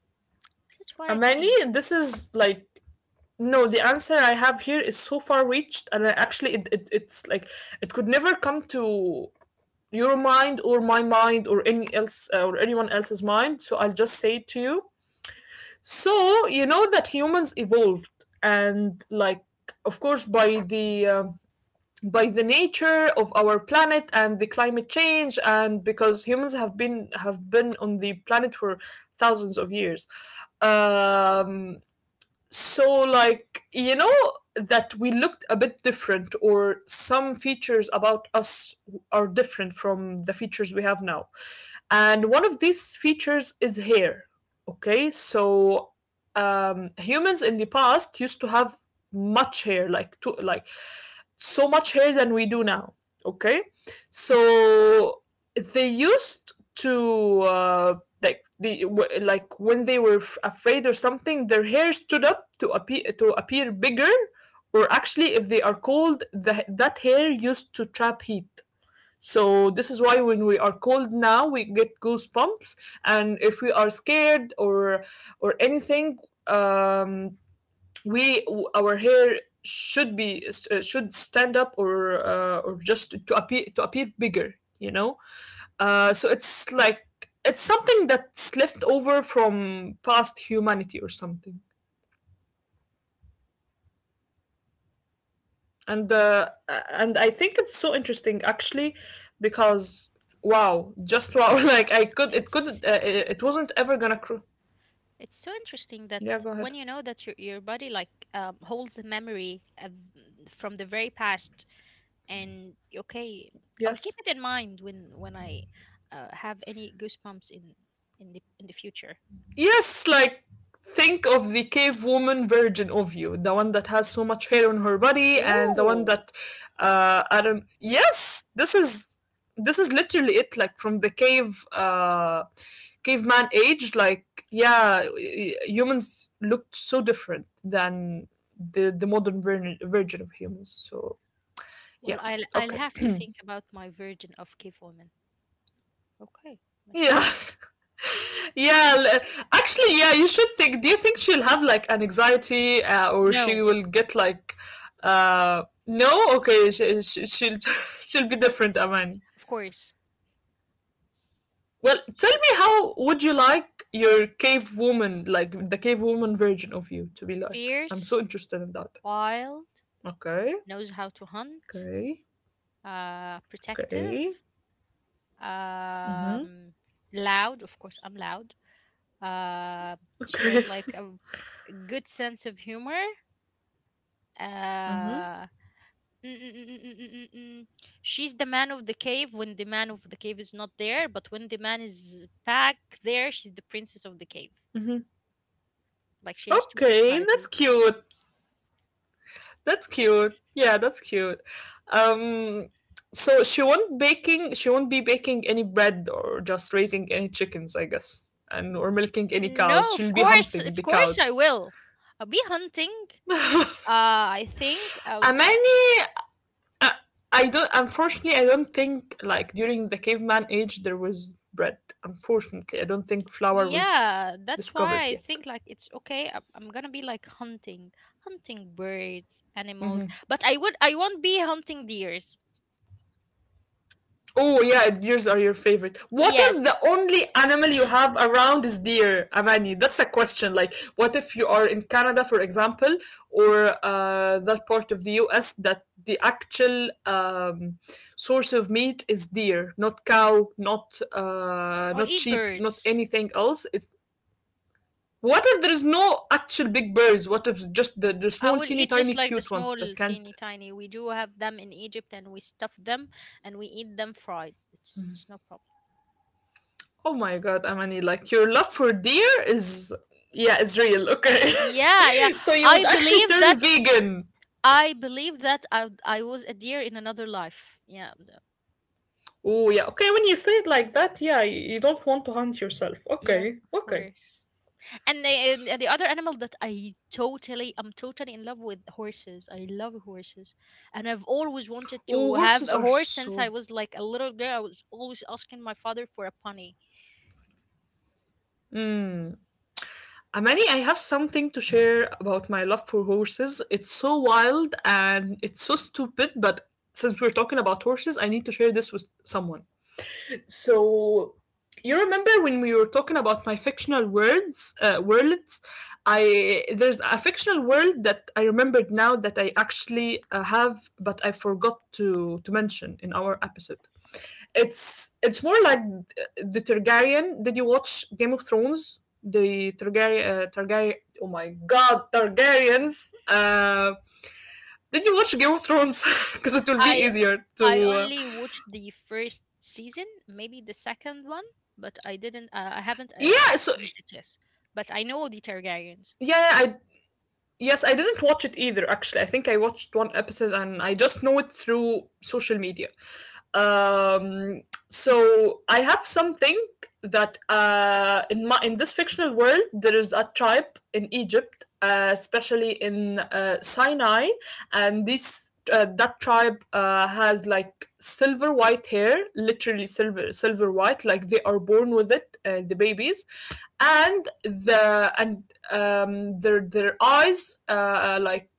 Speaker 2: That's what I
Speaker 1: Amani,
Speaker 2: think.
Speaker 1: this is like... No, the answer I have here is so far reached, and I actually, it, it, it's like it could never come to your mind or my mind or any else uh, or anyone else's mind. So I'll just say it to you. So you know that humans evolved, and like of course by the uh, by the nature of our planet and the climate change, and because humans have been have been on the planet for thousands of years. Um, so, like, you know, that we looked a bit different, or some features about us are different from the features we have now. And one of these features is hair. Okay, so um, humans in the past used to have much hair, like, to, like so much hair than we do now. Okay, so they used to... um Like the like when they were f- afraid or something, their hair stood up to appear to appear bigger. Or actually if they are cold, the, that hair used to trap heat. So this is why when we are cold now we get goosebumps. And if we are scared or or anything, um we... our hair should be uh, should stand up or uh, or just to appear to appear bigger, you know uh, so it's like it's something that's left over from past humanity or something. And uh, and I think it's so interesting actually, because wow, just wow! Like I could, it could, uh,
Speaker 2: It's
Speaker 1: it it wasn't ever gonna. Cr-
Speaker 2: it's so interesting that
Speaker 1: yeah, go
Speaker 2: when
Speaker 1: ahead.
Speaker 2: you know that your your body like um, holds a memory of, mm, from the very past, and okay, I'll keep
Speaker 1: Yes.
Speaker 2: it in mind when when I uh, have any goosebumps in in the in the future.
Speaker 1: Yes, like think of the cave woman version of you, the one that has so much hair on her body, and the one
Speaker 2: Ooh.
Speaker 1: that... uh, I don't. Yes, this is this is literally it. Like from the cave uh, caveman age, like yeah, y- humans looked so different than the the modern ver- version of humans. So yeah,
Speaker 2: Well, i'll i'll
Speaker 1: okay,
Speaker 2: have to think about my virgin of cave woman. Okay, I should.
Speaker 1: yeah. Yeah, l- actually, yeah, you should think. Do you think she'll have like an anxiety uh, or she
Speaker 2: No,
Speaker 1: will get like, uh, no? Okay, she, she, she'll, she'll be different, Amani.
Speaker 2: of course.
Speaker 1: Well, tell
Speaker 2: She
Speaker 1: me, how would you like your cave woman, like the cave woman version of you, to be like? I'm so
Speaker 2: fierce,
Speaker 1: interested in that.
Speaker 2: wild,
Speaker 1: Okay,
Speaker 2: knows how to hunt,
Speaker 1: okay,
Speaker 2: uh
Speaker 1: okay.
Speaker 2: protective,
Speaker 1: Mm-hmm.
Speaker 2: um loud. Of course I'm loud. uh she has
Speaker 1: Okay.
Speaker 2: like a good sense of humor.
Speaker 1: Mm-hmm.
Speaker 2: uh Mm, mm, mm, mm, mm, mm, mm. She's the man of the cave when the man of the cave is not there, but when the man is back there, she's the princess of the cave.
Speaker 1: Mm-hmm.
Speaker 2: Like she has two
Speaker 1: Okay, that's
Speaker 2: personalities.
Speaker 1: cute. That's cute. Yeah, that's cute. Um, so she won't baking. She won't be baking any bread or just raising any chickens, I guess, and or milking any cows.
Speaker 2: No, of
Speaker 1: She'll be
Speaker 2: course,
Speaker 1: hunting
Speaker 2: of
Speaker 1: the
Speaker 2: course I
Speaker 1: cows.
Speaker 2: will. I'll be hunting. Uh, I think. Um,
Speaker 1: Amani, uh, I don't. Unfortunately, I don't think like during the caveman age there was bread. Unfortunately, I don't think flour was
Speaker 2: yeah, that's why
Speaker 1: discovered
Speaker 2: I
Speaker 1: yet.
Speaker 2: think like it's okay. I'm, I'm gonna be like hunting, hunting birds, animals. But I would, I won't be hunting deers.
Speaker 1: Oh yeah, deers are your favorite. What if the
Speaker 2: Yes,
Speaker 1: only animal you have around is deer, Avani? That's a question. Like, what if you are in Canada, for example, or uh, that part of the U S that the actual um, source of meat is deer, not cow, not uh,
Speaker 2: I'll
Speaker 1: not
Speaker 2: eat
Speaker 1: sheep, not
Speaker 2: birds.
Speaker 1: anything else. It's... what if there is no actual big birds? What if just the, the
Speaker 2: I
Speaker 1: small,
Speaker 2: will
Speaker 1: teeny,
Speaker 2: eat
Speaker 1: tiny,
Speaker 2: just like the
Speaker 1: cute ones
Speaker 2: small,
Speaker 1: that can't...
Speaker 2: teeny tiny. We do have them in Egypt, and we stuff them and we eat them fried. It's it's no problem.
Speaker 1: Oh my god, Amani, like your love for deer is... yeah, it's real, okay.
Speaker 2: Yeah, yeah.
Speaker 1: So you would
Speaker 2: I
Speaker 1: actually
Speaker 2: believe
Speaker 1: turn
Speaker 2: that.
Speaker 1: vegan.
Speaker 2: I believe that I I was a deer in another life. Yeah. th-
Speaker 1: Oh yeah, okay, when you say it like that, yeah, y- you don't want to hunt yourself.
Speaker 2: Yes,
Speaker 1: Okay,
Speaker 2: of
Speaker 1: okay.
Speaker 2: course. And the and the other animal that I totally I'm totally in love with, horses. I love horses, and I've always wanted
Speaker 1: Oh,
Speaker 2: to have
Speaker 1: horses
Speaker 2: a
Speaker 1: are
Speaker 2: horse since I
Speaker 1: so...
Speaker 2: was like a little girl. I was always asking my father for a pony.
Speaker 1: Amani, I have something to share about my love for horses. It's so wild and it's so stupid, but since we're talking about horses, I need to share this with someone. So you remember when we were talking about my fictional worlds? Uh, worlds I There's a fictional world that I remembered now that I actually uh, have, but I forgot to to mention in our episode. It's it's more like the Targaryen... did you watch Game of Thrones? The Targaryen, uh, Targaryen, oh my god, Targaryens, uh did you watch Game of Thrones? Because it will be
Speaker 2: I
Speaker 1: easier
Speaker 2: I
Speaker 1: to uh,
Speaker 2: only watched the first season, maybe the second one, but I didn't. Uh, I haven't uh,
Speaker 1: yeah, so
Speaker 2: finished it yet. But I know the Targaryens.
Speaker 1: yeah, I... Yes, I didn't watch it either, actually. I think I watched one episode and I just know it through social media. Um, so I have something that uh, in my in this fictional world there is a tribe in Egypt, uh, especially in uh, Sinai, and this uh, that tribe uh, has like silver white hair, literally silver silver white, like they are born with it, uh, the babies, and the and um, their their eyes, uh, like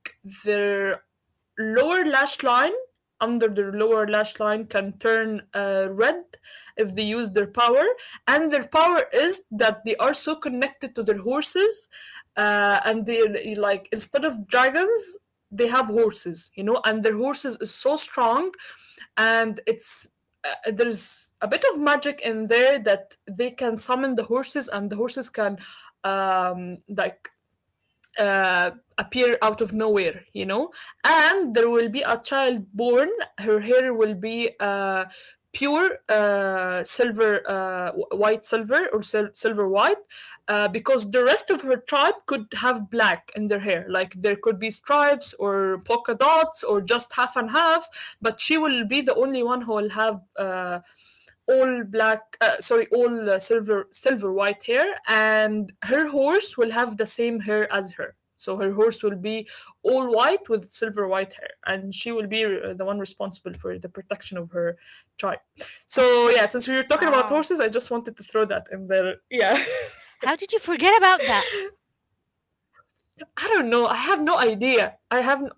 Speaker 1: their lower lash line under their lower lash line can turn uh, red if they use their power. And their power is that they are so connected to their horses, uh, and they they, like instead of dragons they have horses, you know and their horses is so strong. And it's uh, there's a bit of magic in there that they can summon the horses, and the horses can um like uh, appear out of nowhere, you know? And there will be a child born. Her hair will be uh, pure, uh, silver, uh, white silver or sil- silver white, uh, because the rest of her tribe could have black in their hair. Like there could be stripes or polka dots or just half and half, but she will be the only one who will have... Uh, all black, uh, sorry, all uh, silver silver white hair, and her horse will have the same hair as her, so her horse will be all white with silver white hair, and she will be uh, the one responsible for the protection of her tribe. So yeah, since we were talking about
Speaker 2: Wow.
Speaker 1: horses, I just wanted to throw that in there. Yeah.
Speaker 2: How did you forget about that?
Speaker 1: I don't know, I have no idea, I have n-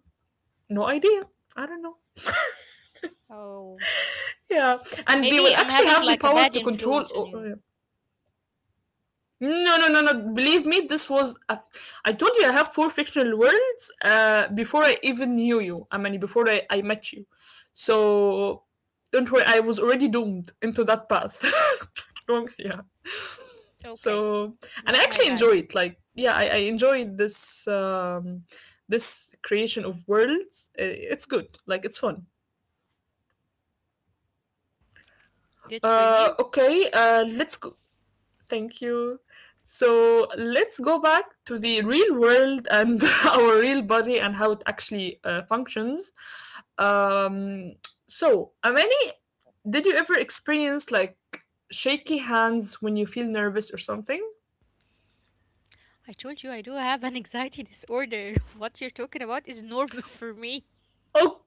Speaker 1: no idea, I don't know.
Speaker 2: Oh.
Speaker 1: Yeah, and they
Speaker 2: Maybe
Speaker 1: will
Speaker 2: I'm
Speaker 1: actually
Speaker 2: having
Speaker 1: have the
Speaker 2: like a
Speaker 1: power
Speaker 2: bad
Speaker 1: to control
Speaker 2: influence on you.
Speaker 1: o- No, no, no, no. Believe me, this was. A, I told you I have four fictional worlds uh, before I even knew you. I mean, before I, I met you. So don't worry, I was already doomed into that path. Wrong- yeah.
Speaker 2: Okay,
Speaker 1: So, and I
Speaker 2: not my
Speaker 1: actually
Speaker 2: bad.
Speaker 1: enjoy it. Like, yeah, I, I enjoy this um, this creation of worlds. I- It's good. Like, it's fun.
Speaker 2: Good for
Speaker 1: Uh,
Speaker 2: you.
Speaker 1: okay. Uh, let's go. Thank you. So let's go back to the real world and our real body and how it actually uh, functions. Um, so, Amani, did you ever experience like shaky hands when you feel nervous or something?
Speaker 2: I told you I do have an anxiety disorder. What you're talking about is normal for me.
Speaker 1: Oh,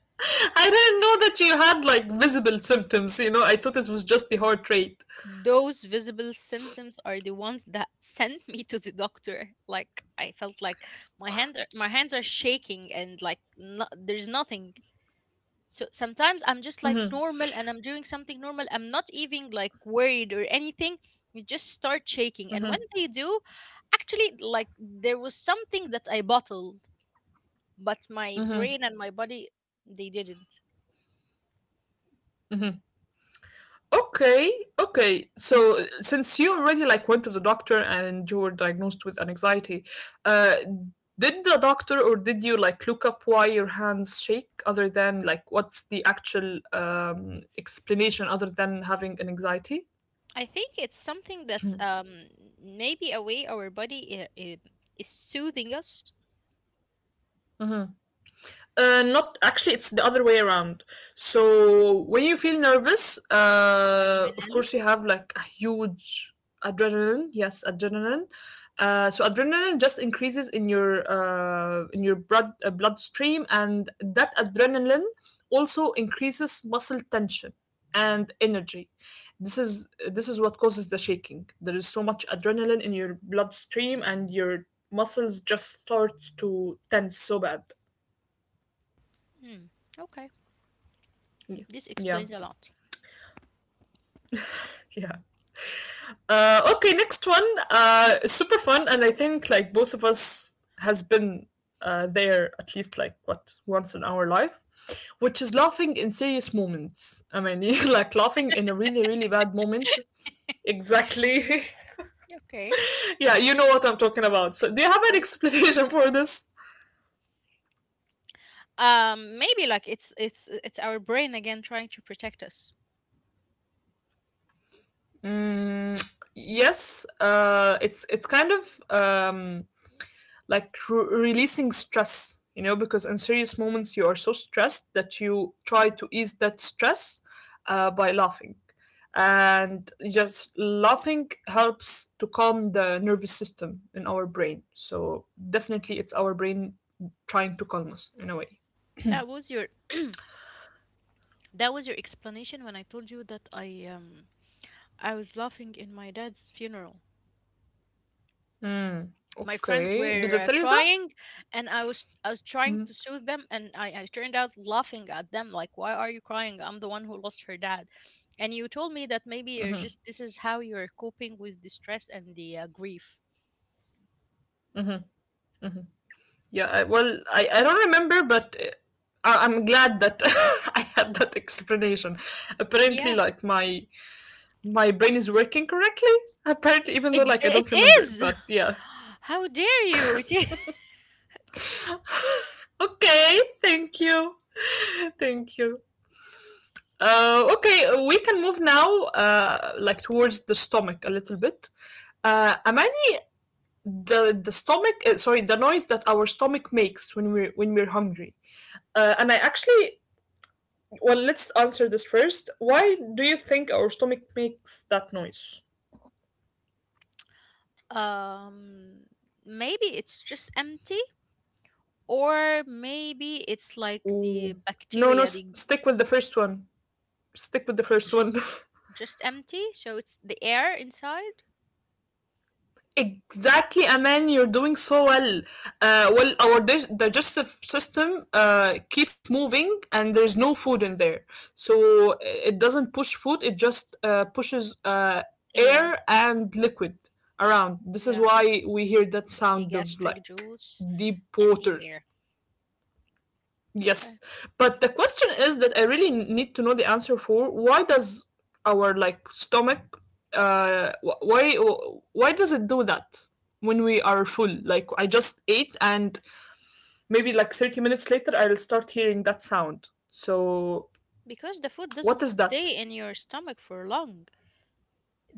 Speaker 1: I didn't know that you had like visible symptoms. You know, I thought it was just the heart rate.
Speaker 2: Those visible symptoms are the ones that sent me to the doctor. Like, I felt like my hand are, my hands are shaking, and like, no, there's nothing. So sometimes I'm just like
Speaker 1: Mm-hmm,
Speaker 2: normal, and I'm doing something normal, I'm not even like worried or anything. You just start shaking, and when they
Speaker 1: mm-hmm,
Speaker 2: do, actually like there was something that I bottled, but my brain and
Speaker 1: mm-hmm,
Speaker 2: my body, they didn't.
Speaker 1: mm-hmm. Okay, okay. So uh, since you already like went to the doctor and you were diagnosed with an anxiety, uh, did the doctor or did you like look up why your hands shake other than like what's the actual um, explanation other than having an anxiety?
Speaker 2: I think it's something that's um maybe a way our body i- is soothing us.
Speaker 1: Mm-hmm. Uh, not actually, it's the other way around. So when you feel nervous, uh, of
Speaker 2: Adrenaline.
Speaker 1: course you have like a huge adrenaline. Yes, adrenaline. Uh, so adrenaline just increases in your uh, in your blood uh, bloodstream, and that adrenaline also increases muscle tension and energy. This is this is what causes the shaking. There is so much adrenaline in your bloodstream, and your muscles just start to tense so bad.
Speaker 2: Hmm. Okay,
Speaker 1: Yeah,
Speaker 2: this
Speaker 1: yeah,
Speaker 2: explains a lot.
Speaker 1: yeah. Uh, okay, next one. Uh, super fun, and I think like both of us has been uh, there at least like what once in our life, which is laughing in serious moments. I mean, like laughing in a really really bad moment. Exactly.
Speaker 2: Okay.
Speaker 1: yeah, you know what I'm talking about. So, do you have an
Speaker 2: Or-
Speaker 1: explanation for this?
Speaker 2: Um, maybe like it's it's it's our brain again trying to protect us.
Speaker 1: Mm, yes. Uh, it's it's kind of um like re- releasing stress, you know, because in serious moments you are so stressed that you try to ease that stress uh, by laughing, and just laughing helps to calm the nervous system in our brain. So definitely it's our brain trying to calm us in a way.
Speaker 2: That was your that was your explanation when I told you that I um I was laughing in my dad's funeral.
Speaker 1: Hmm,
Speaker 2: My friends
Speaker 1: okay, did
Speaker 2: were
Speaker 1: I
Speaker 2: uh,
Speaker 1: tell you that?
Speaker 2: crying, and i was i was trying
Speaker 1: Mhm.
Speaker 2: to soothe them, and I, I turned out laughing at them like, why are you crying? I'm the one who lost her dad. And you told me that maybe you're just this is how you're coping with the stress and the uh, grief.
Speaker 1: Yeah, I, well I, I don't remember, but uh, I, I'm glad that I had that explanation. Apparently,
Speaker 2: Yeah.
Speaker 1: like my my brain is working correctly. Apparently, even though
Speaker 2: it
Speaker 1: like I
Speaker 2: it
Speaker 1: don't remember it,
Speaker 2: is.
Speaker 1: but yeah.
Speaker 2: How dare you. It is.
Speaker 1: Okay, thank you, thank you. Uh, okay, we can move now, uh, like towards the stomach a little bit. Uh, Amani, the the stomach, uh, sorry, the noise that our stomach makes when we're when we're hungry. Uh, and I actually, well, let's answer this first. Why do you think our stomach makes that noise?
Speaker 2: um Maybe it's just empty, or maybe it's like the
Speaker 1: Ooh. No, no,
Speaker 2: bacteria,
Speaker 1: s-
Speaker 2: the.
Speaker 1: stick with the first one. Stick with the first
Speaker 2: It's
Speaker 1: one.
Speaker 2: just empty, so it's the air inside.
Speaker 1: Exactly, Aman, you're doing so well. Uh, well, our dig- digestive system uh, keeps moving, and there's no food in there, so uh, it doesn't push food. It just uh, pushes, uh,
Speaker 2: Air.
Speaker 1: air and liquid around. This is
Speaker 2: Yeah,
Speaker 1: why we hear that
Speaker 2: the
Speaker 1: sound of
Speaker 2: gastric
Speaker 1: like
Speaker 2: juice
Speaker 1: deep
Speaker 2: and the
Speaker 1: water.
Speaker 2: air. Okay.
Speaker 1: Yes, but the question is that I really need to know the answer for, why does our like stomach uh wh- why why does it do that when we are full? Like I just ate and maybe like thirty minutes later I'll start hearing that sound. So
Speaker 2: Because the food doesn't
Speaker 1: what is
Speaker 2: stay
Speaker 1: that?
Speaker 2: in your stomach for long.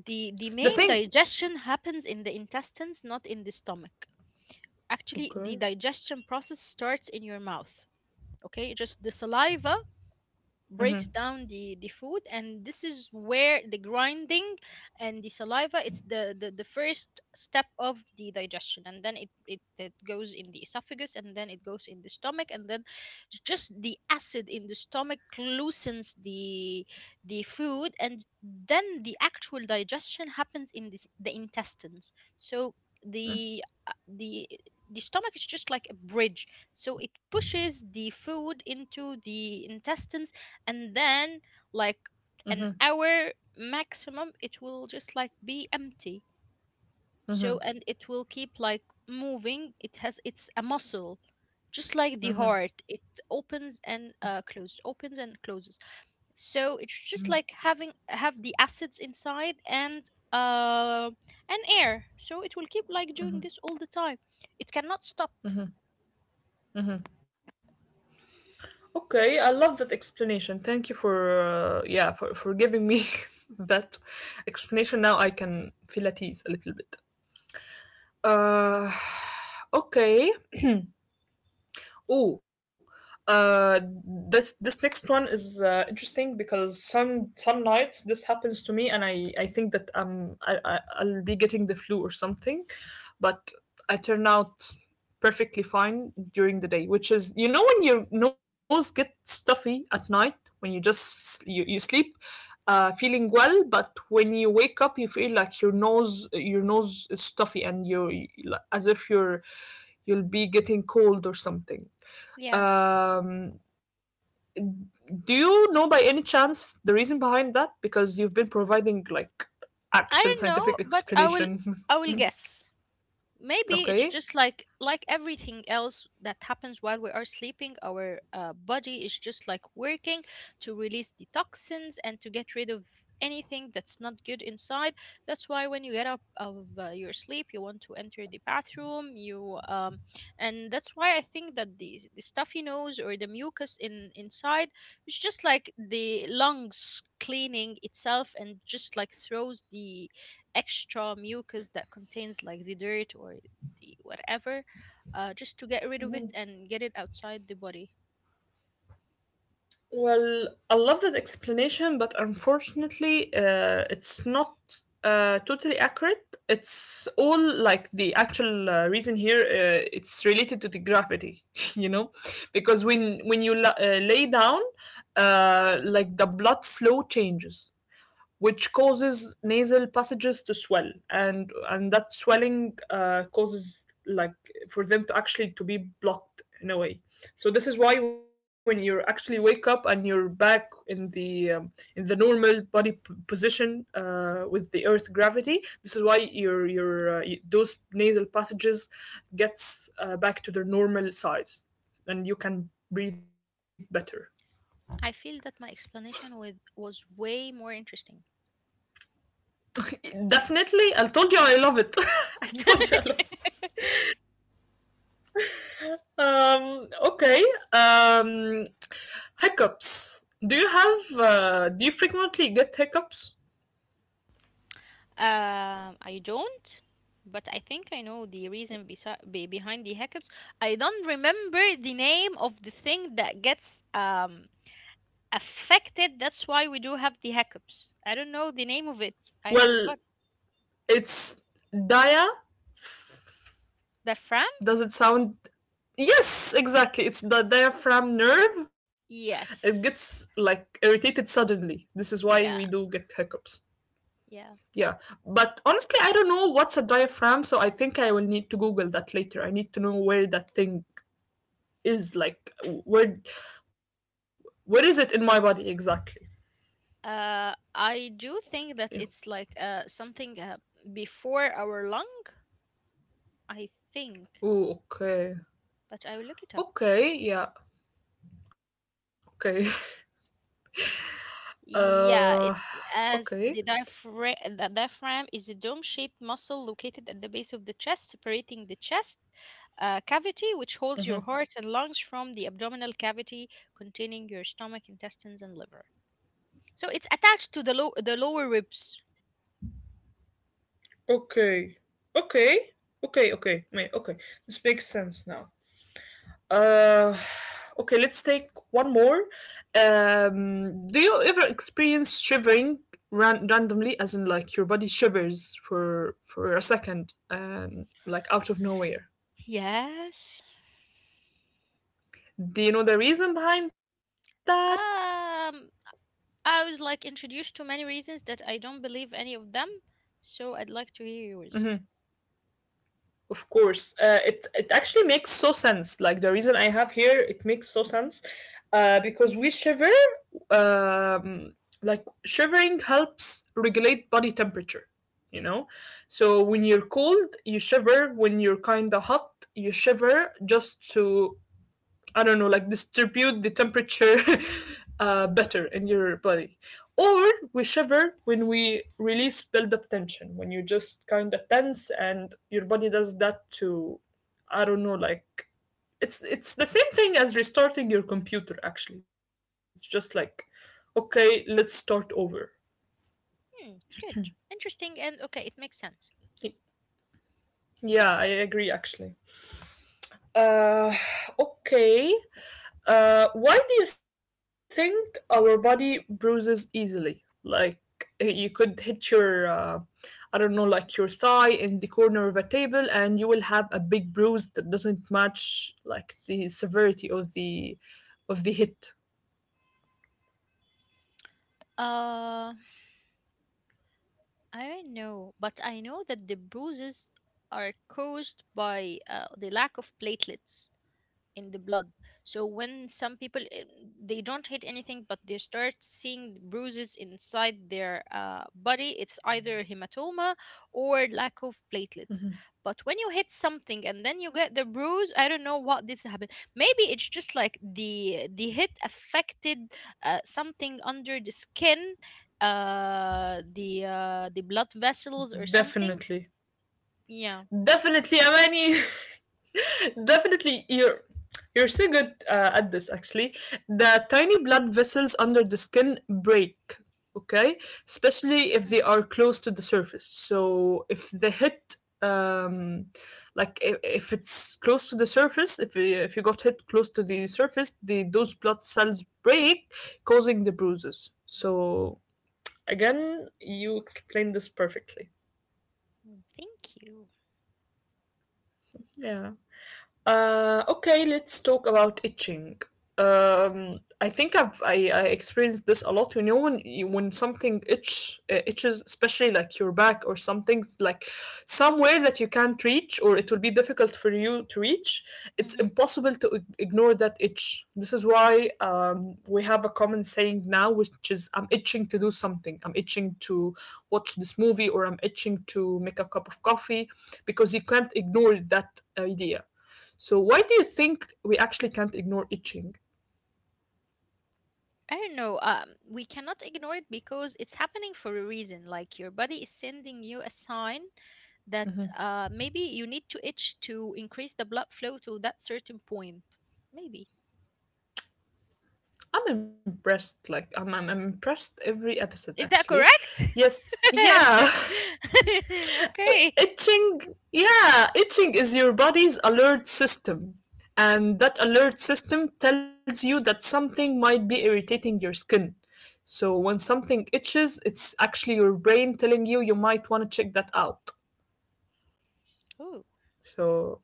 Speaker 2: The the main
Speaker 1: The thing.
Speaker 2: digestion happens in the intestines, not in the stomach. Actually, the digestion
Speaker 1: Okay.
Speaker 2: process starts in your mouth. Okay? Just the saliva breaks down the the food, and this is where the grinding and the saliva, it's the the, the first step of the digestion. And then it, it it goes in the esophagus, and then it goes in the stomach, and then just the acid in the stomach loosens the the food, and then the actual digestion happens in this the intestines. So the uh, the the stomach is just like a bridge, so it pushes the food into the intestines. And then, like, an hour maximum, it will just like be empty. So, and it will keep like moving. It has, it's a muscle, just like the heart. It opens and uh, closes, opens and closes. So it's just like having have the acids inside, and uh and air. So it will keep like doing this all the time. It cannot stop.
Speaker 1: Okay, I love that explanation. Thank you for uh, yeah, for for giving me that explanation. Now I can feel at ease a little bit. Uh, okay. Oh, uh, this this next one is uh, interesting because some some nights this happens to me, and I I think that um I, I, I'll be getting the flu or something, but I turn out perfectly fine during the day, which is, you know, when your nose gets stuffy at night, when you just you, you sleep. Uh, feeling well, but when you wake up, you feel like your nose your nose is stuffy and you, as if you're, you'll be getting cold or something.
Speaker 2: Yeah,
Speaker 1: Um, do you know by any chance the reason behind that? Because you've been providing like actual
Speaker 2: I don't know,
Speaker 1: scientific
Speaker 2: but i will
Speaker 1: explanation.
Speaker 2: i will guess. Maybe it's
Speaker 1: Okay.
Speaker 2: just like like everything else that happens while we are sleeping. Our uh, body is just like working to release the toxins and to get rid of anything that's not good inside. That's why when you get up of uh, your sleep, you want to enter the bathroom, you um And that's why I think that the, the stuffy nose or the mucus in inside is just like the lungs cleaning itself, and just like throws the extra mucus that contains like the dirt or the whatever, uh, just to get rid of it and get it outside the body.
Speaker 1: Well, I love that explanation, but unfortunately, uh, it's not uh, totally accurate. It's all like the actual uh, reason here. Uh, it's related to the gravity, you know, because when when you la- uh, lay down, uh, like the blood flow changes, which causes nasal passages to swell, and and that swelling uh, causes like for them to actually to be blocked in a way. So this is why when you actually wake up and you're back in the um, in the normal body p- position, uh, with the earth gravity, this is why your your uh, those nasal passages gets uh, back to their normal size and you can breathe better.
Speaker 2: I feel that my explanation with was way more interesting.
Speaker 1: Definitely, I told you I love it. I told you I love. Um, okay. Um, hiccups. Do you have, uh, do you frequently get hiccups?
Speaker 2: um, I don't, but I think I know the reason besi- be- behind the hiccups. I don't remember the name of the thing that gets um affected. That's why we do have the hiccups. I don't know the name of it. I
Speaker 1: Well,
Speaker 2: forgot.
Speaker 1: it's dia.
Speaker 2: The Fram?
Speaker 1: Does it sound? Yes, exactly. It's the diaphragm nerve. It gets
Speaker 2: Yes.
Speaker 1: like irritated suddenly. This is why we do get
Speaker 2: Yeah.
Speaker 1: hiccups.
Speaker 2: Yeah.
Speaker 1: Yeah. But honestly, I don't know what's a diaphragm, so I think I will need to Google that later. I need to know where that thing is, like, where, where is it in my body exactly?
Speaker 2: Uh, I do
Speaker 1: Yeah.
Speaker 2: think that it's like uh something, uh, before our lung, I think,
Speaker 1: Oh, okay.
Speaker 2: but I will look it up.
Speaker 1: Okay, yeah, okay. Uh,
Speaker 2: Yeah, it's
Speaker 1: okay.
Speaker 2: as the diaphragm. The diaphragm is a dome-shaped muscle located at the base of the chest, separating the chest uh, cavity, which holds your
Speaker 1: Mhm.
Speaker 2: heart and lungs, from the abdominal cavity containing your stomach, intestines, and liver. So it's attached to the low the lower ribs.
Speaker 1: Okay. Okay. Okay, okay. May okay. This makes sense now. Uh, okay, let's take one more. Um, do you ever experience shivering ran randomly, as in like your body shivers for for a second, um, like out of nowhere?
Speaker 2: Yes.
Speaker 1: Do you know the reason behind that?
Speaker 2: Um. I was like introduced to many reasons that I don't believe any of them, so I'd like to hear yours.
Speaker 1: Mm-hmm. Of course, uh, it it actually makes so sense. Like the reason I have here, it makes so sense, uh, because we shiver. Um, like shivering helps regulate body temperature. You know, so when you're cold, you shiver. When you're kind of hot, you shiver just to, I don't know, like distribute the temperature uh, better in your body. Or we shiver when we release build up tension, when you just kind of tense and your body does that to, I don't know, like it's it's the same thing as restarting your computer. Actually, it's just like, okay, let's start over.
Speaker 2: Hmm, good. Interesting, and okay, it makes sense.
Speaker 1: Yeah, I agree. Actually, uh, okay. Uh, why do you think our body bruises easily? Like eh, you could hit your, uh, I don't know, like your thigh in the corner of a table, and you will have a big bruise that doesn't match like the severity of the of the hit.
Speaker 2: Uh, I don't know, but I know that the bruises are caused by uh, the lack of platelets in the blood. So when some people, eh, they don't hit anything, but they start seeing bruises inside their uh, body, it's either hematoma or lack of platelets. But when you hit something and then you get the bruise, I don't know what this happened. Maybe it's just like the the hit affected uh, something under the skin, uh, the uh, the blood vessels or something.
Speaker 1: Definitely,
Speaker 2: Yeah.
Speaker 1: definitely, Amani. Definitely, you're you're so good uh, at this actually. The tiny blood vessels under the skin break, okay? Especially if they
Speaker 2: Hmm,
Speaker 1: are close to the surface. So if they hit um like, if, if it's close to the surface, if you- if you got hit close to the surface, the those blood cells break, causing the bruises. So again, you explained this perfectly.
Speaker 2: hmm. Thank you.
Speaker 1: Yeah. Uh, okay, let's talk about itching. Um, I think I've I, I experienced this a lot. You know when you, when something itch uh, itches, especially like your back or something, like somewhere that you can't reach or it will be difficult for you to reach. It's impossible to ig- ignore that itch. This is why, um, we have a common saying now, which is, "I'm itching to do something. I'm itching to watch this movie, or I'm itching to make a cup of coffee," because you can't ignore that idea. So why do you think we actually can't ignore itching?
Speaker 2: I don't know. Um, we cannot ignore it because it's happening for a reason. Like your body is sending you a sign that uh, maybe you need to itch to increase the blood flow to that certain point. Maybe.
Speaker 1: I'm impressed. Like I'm, I'm impressed every episode
Speaker 2: Is
Speaker 1: actually.
Speaker 2: that correct?
Speaker 1: Yes, yeah,
Speaker 2: Okay.
Speaker 1: itching. Yeah, itching is your body's alert system, and that alert system tells you that something might be irritating your skin. So when something itches, it's actually your brain telling you you might want to check that out.
Speaker 2: Oh,
Speaker 1: So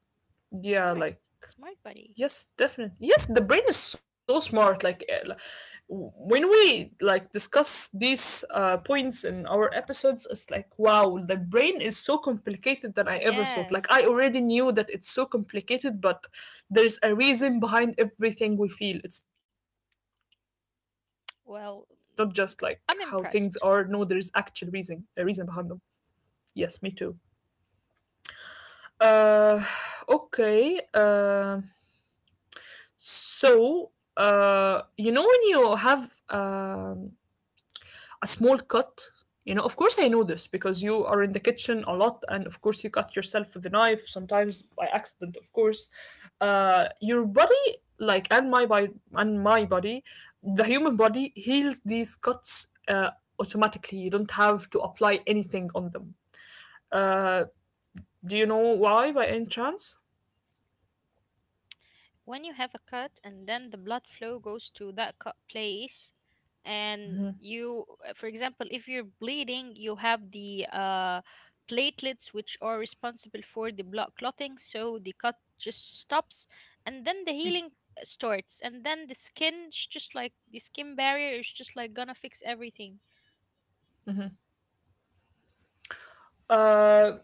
Speaker 1: yeah,
Speaker 2: smart.
Speaker 1: like
Speaker 2: Smart buddy.
Speaker 1: yes, definitely. Yes, the brain is so smart. Like eh, li- w- when we like discuss these uh, points in our episodes, it's like, wow, the brain is so complicated than I ever thought. Like I
Speaker 2: Yes.
Speaker 1: already knew that it's so complicated, but there's a reason behind everything we feel. It's not just like how things are. No, there's
Speaker 2: Well,
Speaker 1: actual reason, a
Speaker 2: I'm
Speaker 1: reason behind them.
Speaker 2: impressed.
Speaker 1: Yes, me too. Uh, okay. Um, so, uh, you know, when you have, um, a small cut, you know, of course I know this because you are in the kitchen a lot, and of course you cut yourself with a knife, sometimes by accident, of course. Uh, your body, like, and my body, and my body, the human body heals these cuts uh, automatically. You don't have to apply anything on them. Uh, do you know why, by any chance?
Speaker 2: When you have a cut, and then the blood flow goes to that cut place, and you, for example, if you're bleeding, you have the uh, platelets, which are responsible for the blood clotting, so the cut just stops. And then the healing starts, and then the skin is just like the skin barrier is just like gonna fix everything. It's.
Speaker 1: Uh,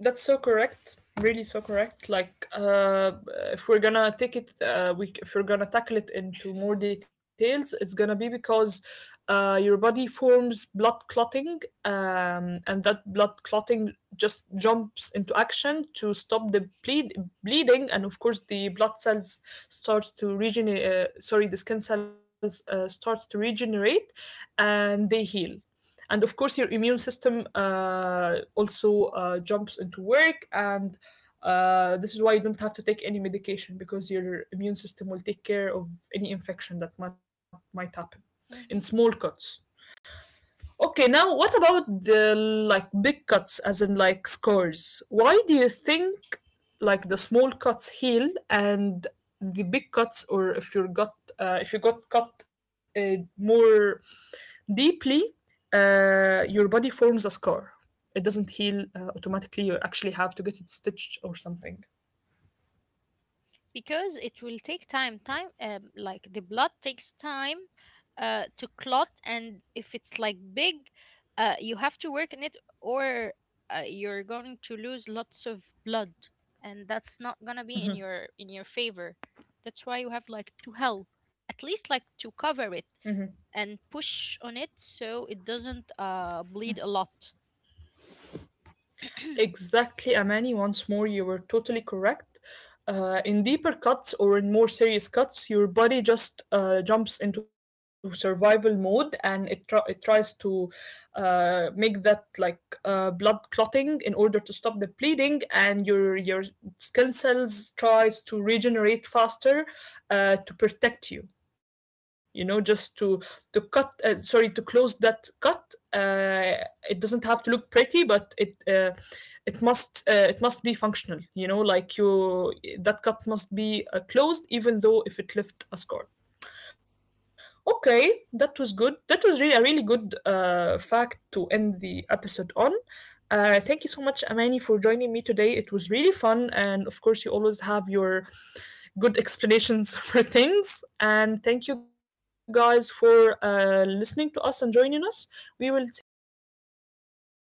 Speaker 1: that's so correct. Really, so correct. Like, uh, if we're gonna take it, uh, we if we're gonna tackle it into more details, it's gonna be because uh, your body forms blood clotting, um, and that blood clotting just jumps into action to stop the bleed bleeding, and of course the blood cells starts to regenerate. Uh, sorry, the skin cells uh, starts to regenerate, and they heal. And of course your immune system uh, also uh, jumps into work, and uh, this is why you don't have to take any medication because your immune system will take care of any infection that might, might happen in small
Speaker 2: Mhm.
Speaker 1: cuts. Okay, now what about the like big cuts, as in like scars? Why do you think like the small cuts heal and the big cuts, or if you're got uh, if you got cut uh, more deeply, uh, your body forms a scar. It doesn't heal uh, automatically. You actually have to get it stitched or something.
Speaker 2: Because it will take time time, um, like the blood takes time uh, to clot. And if it's like big, uh, you have to work in it, or uh, you're going to lose lots of blood, and that's not gonna be in your in your favor. That's why you have like to help, at least like to cover it and push on it so it doesn't uh, bleed a lot.
Speaker 1: Exactly, Amani. Once more, you were totally correct. Uh, in deeper cuts or in more serious cuts, your body just uh, jumps into survival mode, and it, tr- it tries to uh, make that like uh, blood clotting in order to stop the bleeding, and your your skin cells tries to regenerate faster uh, to protect you, you know, just to to cut uh, sorry to close that cut. Uh, it doesn't have to look pretty, but it, uh, it must uh, it must be functional, you know, like you, that cut must be uh, closed, even though if it left a scar. Okay, that was good. That was really a really good uh, fact to end the episode on. Uh, thank you so much, Amani, for joining me today. It was really fun, and of course, you always have your good explanations for things. And thank you guys for uh, listening to us and joining us. We will see you in the next one.